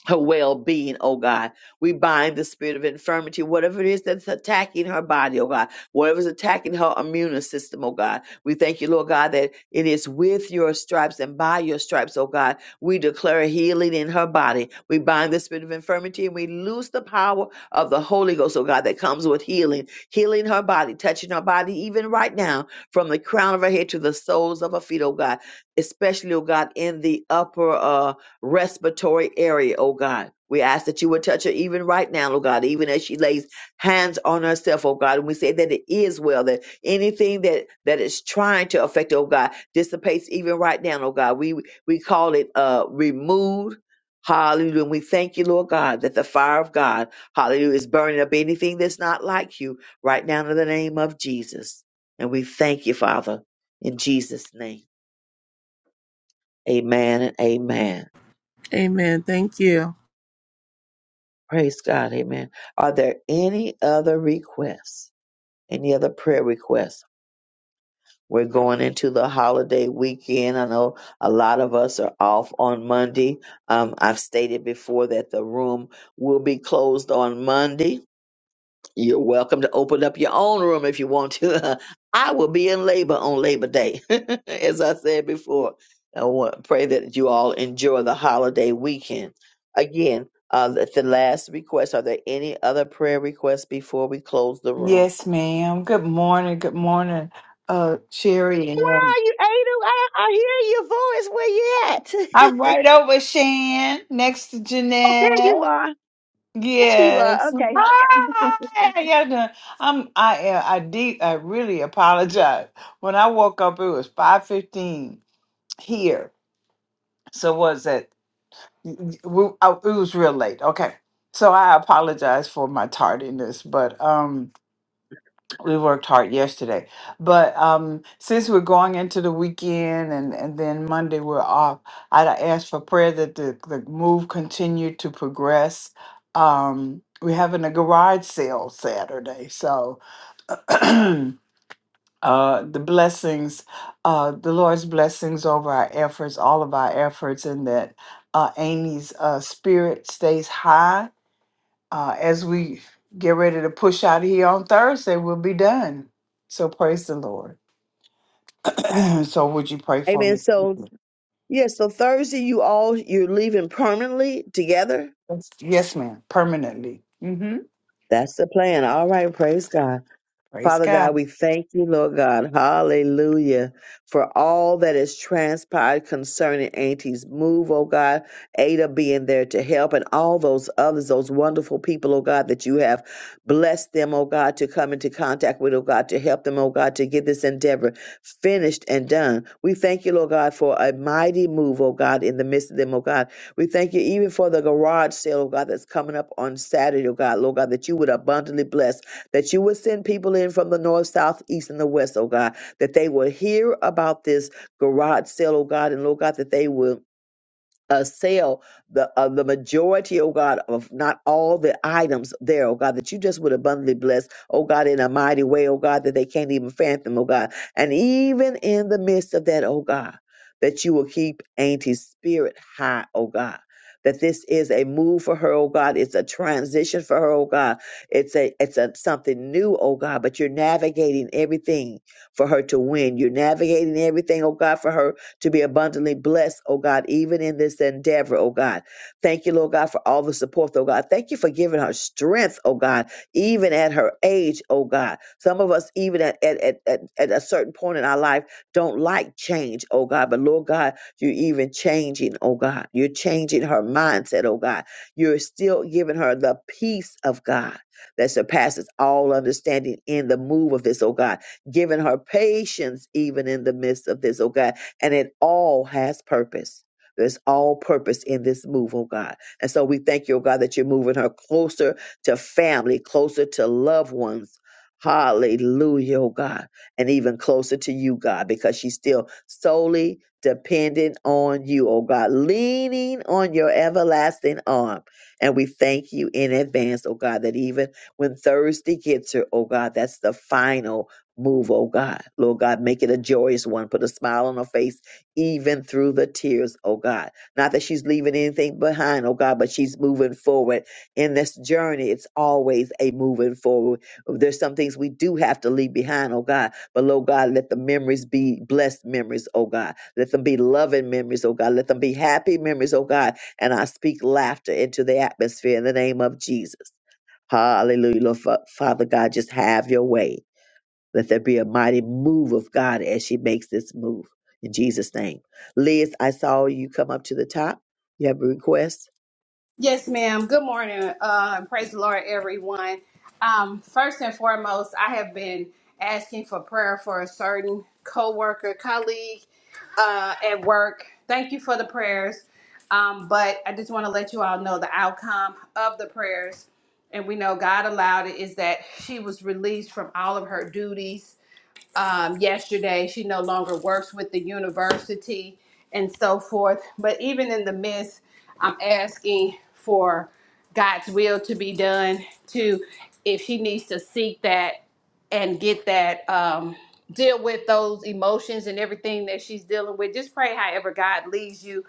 S3: her well being, oh God. We bind the spirit of infirmity, whatever it is that's attacking her body, oh God, whatever's attacking her immune system, oh God. We thank you, Lord God, that it is with your stripes and by your stripes, oh God. We declare healing in her body. We bind the spirit of infirmity and we loose the power of the Holy Ghost, oh God, that comes with healing, healing her body, touching her body even right now, from the crown of her head to the soles of her feet, oh God, especially, oh God, in the upper uh respiratory area, oh God. We ask that you would touch her even right now, oh God, even as she lays hands on herself, oh God. And we say that it is well, that anything that, that is trying to affect, her, oh God, dissipates even right now, oh God. We we call it uh removed. Hallelujah. And we thank you, Lord God, that the fire of God, hallelujah, is burning up anything that's not like you right now in the name of Jesus. And we thank you, Father, in Jesus' name. Amen and amen.
S12: Amen. Thank you.
S3: Praise God. Amen. Are there any other requests? Any other prayer requests? We're going into the holiday weekend. I know a lot of us are off on Monday. Um, I've stated before that the room will be closed on Monday. You're welcome to open up your own room if you want to. I will be in labor on Labor Day, as I said before. I want, pray that you all enjoy the holiday weekend. Again, uh, the, the last request. Are there any other prayer requests before we close the room?
S8: Yes, ma'am. Good morning. Good morning, uh, Sherry.
S3: Where
S8: And
S3: are you, Ada? I, I hear your voice. Where you
S8: I'm
S3: at?
S8: right over Shan next to
S3: oh, there you
S8: Jeanette.
S3: are. There you are.
S8: Yes.
S3: Okay.
S8: Hi. Yeah, no, I'm. I. uh, I de- I really apologize. When I woke up, it was five fifteen here. So was it? we- I- It was real late. Okay. So I apologize for my tardiness, but um. we worked hard yesterday but um since we're going into the weekend and and then monday we're off i'd ask for prayer that the, the move continue to progress um we're having a garage sale saturday so uh the blessings uh the lord's blessings over our efforts all of our efforts and that uh amy's uh spirit stays high uh, as we get ready to push out of here on Thursday, we'll be done. So praise the Lord. so would you pray for
S3: Amen.
S8: me?
S3: So, yeah, so Thursday, you all, you're leaving permanently together?
S8: Yes, yes ma'am. Permanently. Mm-hmm.
S3: That's the plan. All right. Praise God.
S8: Praise
S3: Father God,
S8: God.
S3: we thank you, Lord God, hallelujah, for all that has transpired concerning Auntie's move, oh God, Ada being there to help, and all those others, those wonderful people, oh God, that you have blessed them, oh God, to come into contact with, oh God, to help them, oh God, to get this endeavor finished and done. We thank you, Lord God, for a mighty move, oh God, in the midst of them, oh God. We thank you even for the garage sale, oh God, that's coming up on Saturday, oh God, Lord God, that you would abundantly bless that you would send people in from the north, south, east, and the west, oh God, that they will hear about this garage sale, oh God, and Lord God, that they will uh, sell the uh, the majority, oh God, of not all the items there, oh God, that you just would abundantly bless, oh God, in a mighty way, oh God, that they can't even fathom, oh God. And even in the midst of that, oh God, that you will keep Auntie's spirit high, oh God. That this is a move for her, oh God. It's a transition for her, oh God. It's a it's a something new, oh God. But you're navigating everything for her to win. You're navigating everything, oh God, for her to be abundantly blessed, oh God, even in this endeavor, oh God. Thank you, Lord God, for all the support, oh God. Thank you for giving her strength, oh God, even at her age, oh God. Some of us, even at, at, at, at, at a certain point in our life, don't like change, oh God. But Lord God, you're even changing, oh God. You're changing her mindset, oh God. You're still giving her the peace of God that surpasses all understanding in the move of this, oh God. Giving her patience even in the midst of this, oh God and it all has purpose. There's all purpose in this move, oh God. And so we thank you, oh God, that you're moving her closer to family, closer to loved ones. Hallelujah, oh God. And even closer to you, God, because she's still solely dependent on you, oh God, leaning on your everlasting arm. And we thank you in advance, oh God, that even when Thursday gets her, oh God, that's the final. Move, oh God. Lord God, make it a joyous one. Put a smile on her face, even through the tears, oh God. Not that she's leaving anything behind, oh God, but she's moving forward in this journey. It's always a moving forward. There's some things we do have to leave behind, oh God. But, Lord God, let the memories be blessed memories, oh God. Let them be loving memories, oh God. Let them be happy memories, oh God. And I speak laughter into the atmosphere in the name of Jesus. Hallelujah. Lord, Fa- Father God, just have your way. Let there be a mighty move of God as she makes this move. In Jesus' name. Liz, I saw you come up to the top. You have a request?
S13: Yes, ma'am. Good morning. Uh, and praise the Lord, everyone. Um, first and foremost, I have been asking for prayer for a certain coworker, colleague uh, at work. Thank you for the prayers. Um, but I just want to let you all know the outcome of the prayers. And we know God allowed it is that she was released from all of her duties um, yesterday. She no longer works with the university and so forth. But even in the midst, I'm asking for God's will to be done. To if she needs to seek that and get that, um, deal with those emotions and everything that she's dealing with. Just pray however God leads you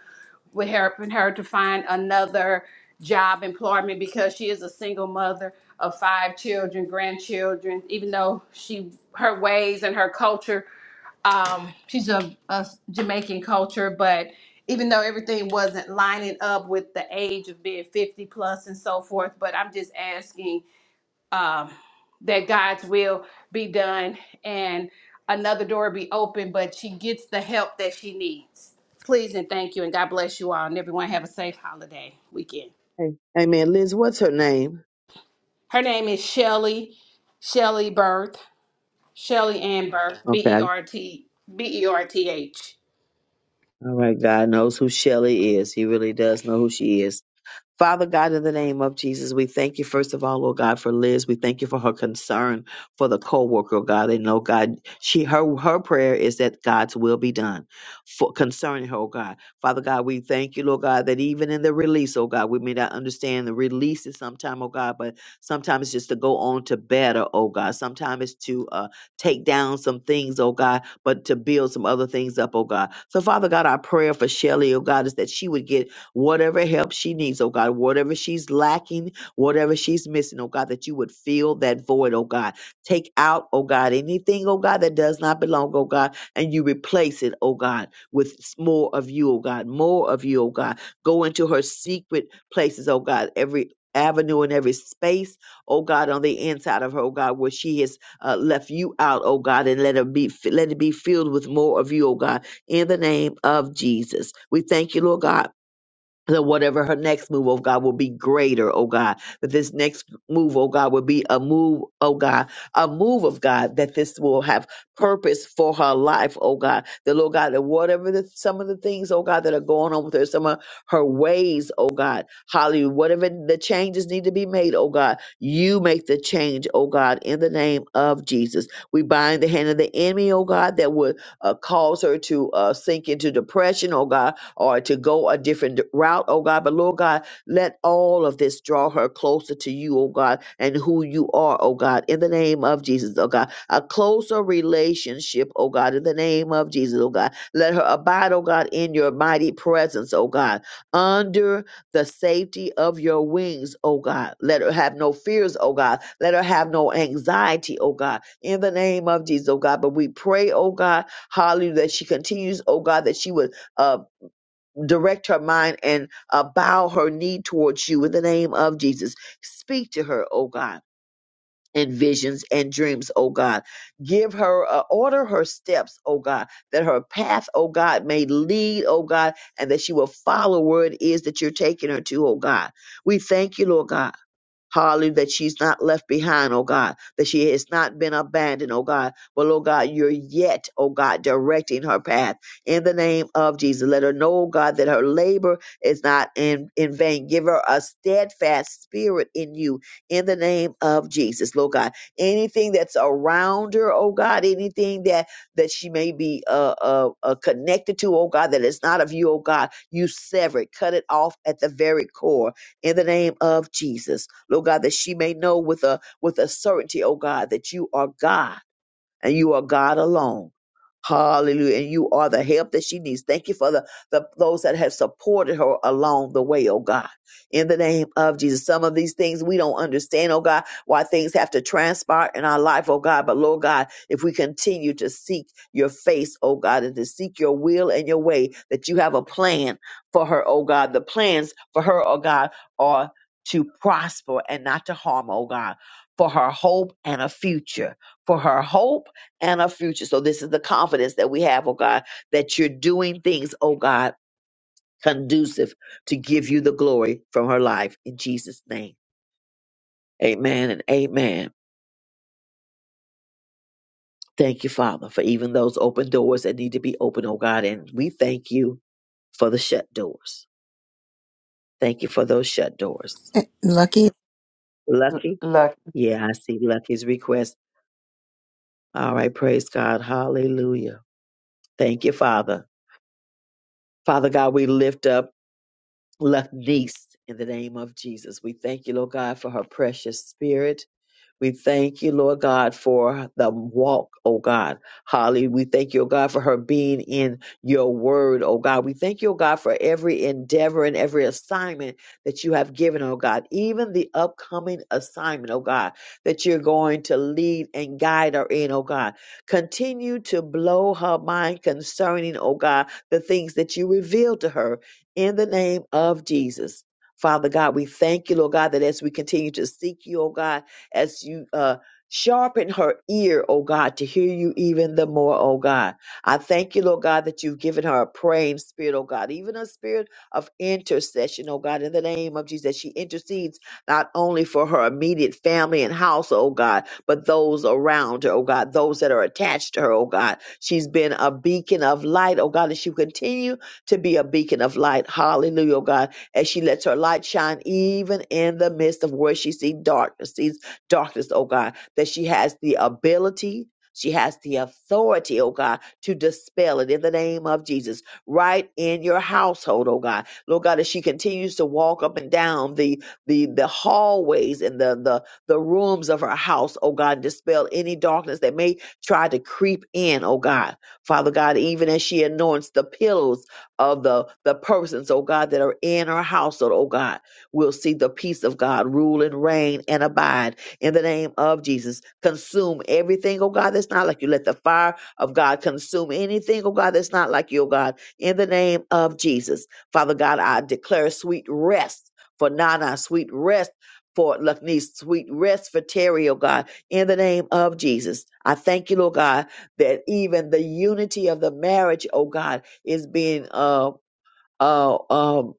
S13: with helping her to find another job employment because she is a single mother of five children grandchildren even though she her ways and her culture um, she's a, a jamaican culture but even though everything wasn't lining up with the age of being 50 plus and so forth but i'm just asking um, that God's will be done and another door be open, but she gets the help that she needs. Please and thank you, and God bless you all, and everyone have a safe holiday weekend.
S3: Hey, hey man, Liz, what's her name?
S13: Her name is Shelly, Shelly Berth, Shelly Ann Berth, B E
S3: Okay.
S13: R T B E R T H.
S3: All right. God knows who Shelley is. He really does know who she is. Father God, in the name of Jesus, we thank you, first of all, oh God, for Liz. We thank you for her concern for the co-worker, oh God. And oh God, she her her prayer is that God's will be done for concerning her, oh God. Father God, we thank you, Lord God, that even in the release, oh God, we may not understand the release is sometime, oh God, but sometimes it's just to go on to better, oh God. Sometimes it's to uh take down some things, oh God, but to build some other things up, oh God. So Father God, our prayer for Shelly, oh God, is that she would get whatever help she needs, oh God, whatever she's lacking, whatever she's missing, oh God, that you would fill that void, oh God. Take out, oh God, anything, oh God, that does not belong, oh God, and you replace it, oh God, with s- more of you, oh God, more of you, oh God. Go into her secret places, oh God, every avenue and every space, oh God, on the inside of her, oh God, where she has uh, left you out, oh God, and let her be let it be filled with more of you, oh God, in the name of Jesus. We thank you, Lord God that whatever her next move, oh God, will be greater, oh God. That this next move, oh God, will be a move, oh God, a move of God, that this will have purpose for her life, oh God. That, Lord God, that whatever the, some of the things, oh God, that are going on with her, some of her ways, oh God, Hallelujah, whatever the changes need to be made, oh God, you make the change, oh God, in the name of Jesus. We bind the hand of the enemy, oh God, that would uh, cause her to uh, sink into depression, oh God, or to go a different route, oh God. But Lord God, let all of this draw her closer to you, oh God, and who you are, oh God, in the name of Jesus, oh God. A closer relationship, oh God, in the name of Jesus, oh God. Let her abide, oh God, in your mighty presence, oh God, under the safety of your wings, oh God. Let her have no fears, oh God. Let her have no anxiety, oh God, in the name of Jesus, oh God. But we pray, oh God, hallelujah, that she continues, oh God, that she would uh, direct her mind and uh, bow her knee towards you in the name of Jesus. Speak to her, oh God. In visions and dreams, oh God. Give her, uh, order her steps, oh God, that her path, oh God, may lead, oh God, and that she will follow where it is that you're taking her to, oh God. We thank you, Lord God. Hallelujah, that she's not left behind, oh God, that she has not been abandoned, oh God. But, oh God, you're yet, oh God, directing her path in the name of Jesus. Let her know, oh God, that her labor is not in, in vain. Give her a steadfast spirit in you in the name of Jesus, Lord God. Anything that's around her, oh God, anything that that she may be uh, uh, uh, connected to, oh God, that is not of you, oh God, you sever it, cut it off at the very core in the name of Jesus. Lord God, that she may know with a with a certainty, oh God, that you are God and you are God alone. Hallelujah. And you are the help that she needs. Thank you for the, the those that have supported her along the way, oh God. In the name of Jesus. Some of these things we don't understand, oh God, why things have to transpire in our life, oh God. But Lord God, if we continue to seek your face, oh God, and to seek your will and your way, that you have a plan for her, oh God. The plans for her, oh God, are to prosper and not to harm, oh God, for her hope and a future. For her hope and our future. So this is the confidence that we have, oh God, that you're doing things, oh God, conducive to give you the glory from her life in Jesus' name. Amen and amen. Thank you, Father, for even those open doors that need to be open, oh God. And we thank you for the shut doors. Thank you for those shut doors.
S1: Eh, Lucky
S8: L-
S3: Lucky?
S8: Luck.
S3: Yeah, I see Lucky's request. All right, praise God. Hallelujah. Thank you, Father. Father God, we lift up. left niece in the name of Jesus. We thank you, Lord God, for her precious spirit. We thank you, Lord God, for the walk, oh God. Holly, we thank you, oh God, for her being in your word, oh God. We thank you, oh God, for every endeavor and every assignment that you have given, oh God, even the upcoming assignment, oh God, that you're going to lead and guide her in, oh God. Continue to blow her mind concerning, oh God, the things that you revealed to her in the name of Jesus. Father God, we thank you, Lord God, that as we continue to seek you, oh God, as you uh, sharpen her ear, O God, to hear you even the more, O God. I thank you, Lord God, that you've given her a praying spirit, O God, even a spirit of intercession, O God, in the name of Jesus. that She intercedes not only for her immediate family and house, O God, but those around her, O God, those that are attached to her, O God. She's been a beacon of light, O God, and she will continue to be a beacon of light. Hallelujah, O God, as she lets her light shine even in the midst of where she sees darkness, darkness, oh God, that she has the ability, she has the authority, oh God, to dispel it in the name of Jesus, right in your household, oh God. Lord God, as she continues to walk up and down the the the hallways and the the the rooms of her house, oh God, dispel any darkness that may try to creep in, oh God. Father God, even as she anoints the pillows of the the persons, oh God, that are in her household, oh God, we'll see the peace of God rule and reign and abide in the name of Jesus. Consume everything, oh God, that's not like you. Let the fire of God consume anything, oh God, that's not like you, oh God, in the name of Jesus. Father God, I declare sweet rest for Nana, sweet rest for Luckneese, sweet rest for Terry, oh God, in the name of Jesus. I thank you, Lord God, that even the unity of the marriage, oh God, is being uh uh, um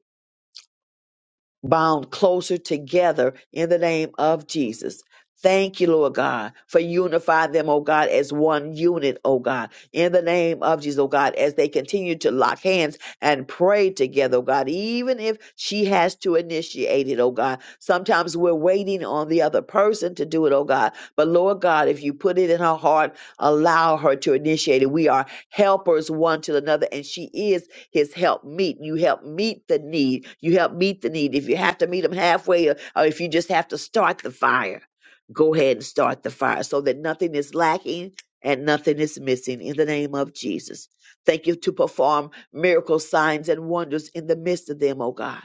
S3: bound closer together in the name of Jesus. Thank you, Lord God, for unifying them, oh God, as one unit, oh God, in the name of Jesus, oh God, as they continue to lock hands and pray together, oh God, even if she has to initiate it, oh God. Sometimes we're waiting on the other person to do it, oh God. But Lord God, if you put it in her heart, allow her to initiate it. We are helpers one to another, and she is his help meet. You help meet the need. You help meet the need. If you have to meet them halfway or, or if you just have to start the fire, go ahead and start the fire so that nothing is lacking and nothing is missing in the name of Jesus. Thank you to perform miracle signs and wonders in the midst of them, oh God.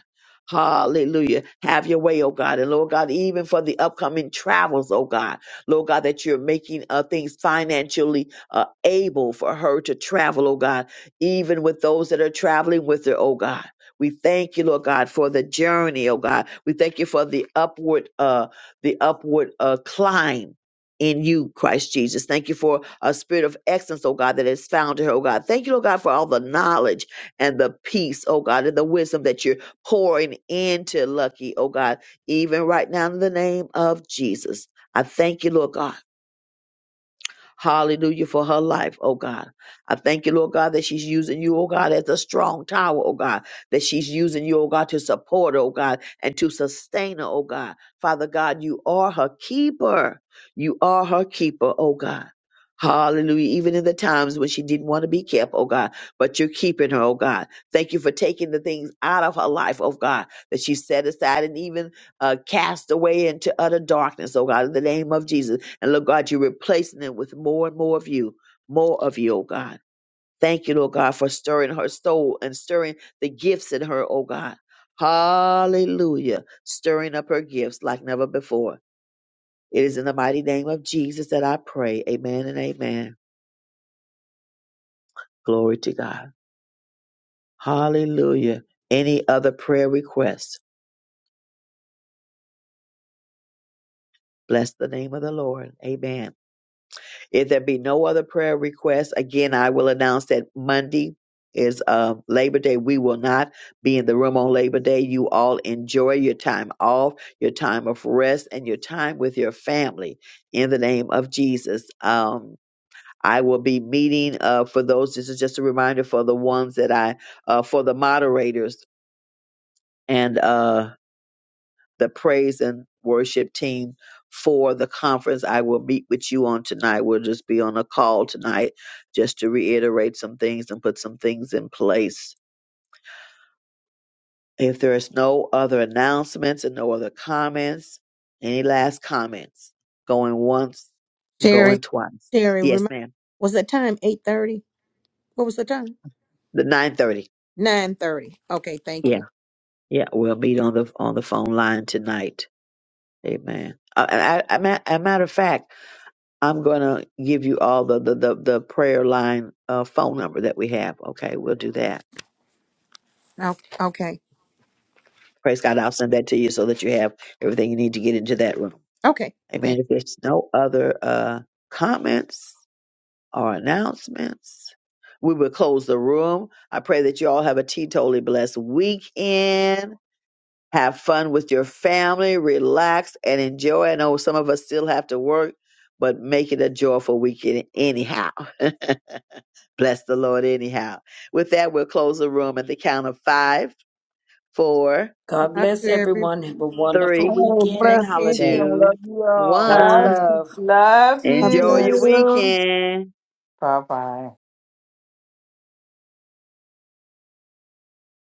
S3: Hallelujah. Have your way, oh God. And Lord God, even for the upcoming travels, oh God, Lord God, that you're making uh, things financially uh, able for her to travel, oh God even with those that are traveling with her, oh God. We thank you, Lord God, for the journey, oh God. We thank you for the upward, uh, the upward uh, climb in you, Christ Jesus. Thank you for a spirit of excellence, oh God, that is found in her, oh God. Thank you, Lord God, for all the knowledge and the peace, oh God, and the wisdom that you're pouring into Lucky, oh God, even right now in the name of Jesus. I thank you, Lord God. Hallelujah for her life, oh God. I thank you, Lord God, that she's using you, oh God, as a strong tower, oh God, that she's using you, oh God, to support, her, oh God, and to sustain her, oh God. Father God, you are her keeper. You are her keeper, oh God. Hallelujah. Even in the times when she didn't want to be kept, oh God, but you're keeping her, oh God. Thank you for taking the things out of her life, oh God, that she set aside and even uh, cast away into utter darkness, oh God, in the name of Jesus and Lord God, you're replacing them with more and more of you, more of you, oh God. Thank you, Lord God, for stirring her soul and stirring the gifts in her, oh God. Hallelujah. Stirring up her gifts like never before. It is in the mighty name of Jesus that I pray. Amen and amen. Glory to God. Hallelujah. Any other prayer requests? Bless the name of the Lord. Amen. If there be no other prayer requests, again, I will announce that Monday is uh, Labor Day. We will not be in the room on Labor Day. You all enjoy your time off, your time of rest, and your time with your family in the name of Jesus. Um, I will be meeting uh, for those. This is just a reminder for the ones that I, uh, for the moderators and. Uh, the praise and worship team for the conference. I will meet with you on tonight. We'll just be on a call tonight just to reiterate some things and put some things in place. If there is no other announcements and no other comments, any last comments? Going once,
S1: Sherry.
S3: going twice.
S1: Sherry,
S3: Yes,
S1: remind
S3: ma'am.
S1: was the time eight thirty? What was the time?
S3: The nine thirty.
S1: Nine thirty. Okay, thank
S3: Yeah,
S1: you.
S3: yeah. We'll meet on the on the phone line tonight. Amen. Uh, and I, I, a matter of fact. I'm gonna give you all the the the, the prayer line uh, phone number that we have. Okay, we'll do that.
S1: Okay, okay,
S3: Praise God. I'll send that to you so that you have everything you need to get into that room.
S1: okay. Thank
S3: Amen. If there's no other uh, comments or announcements, we will close the room. I pray that you all have a teetotally blessed weekend. Have fun with your family, relax and enjoy. I know some of us still have to work, but make it a joyful weekend anyhow. Bless the Lord anyhow. With that, we'll close the room at the count of five, four,
S1: you.
S9: God
S1: Love
S9: bless
S1: you, everybody.
S9: everyone. Have a wonderful
S3: three,
S4: Have a
S9: weekend
S1: Take
S9: and
S4: blessed
S1: care.
S4: weekend.
S9: holiday.
S3: two,
S4: Love you all.
S9: Much
S8: Love,
S3: one.
S9: love.
S8: love
S10: God
S3: Enjoy your
S10: bless.
S8: you.
S3: weekend.
S8: Bye bye.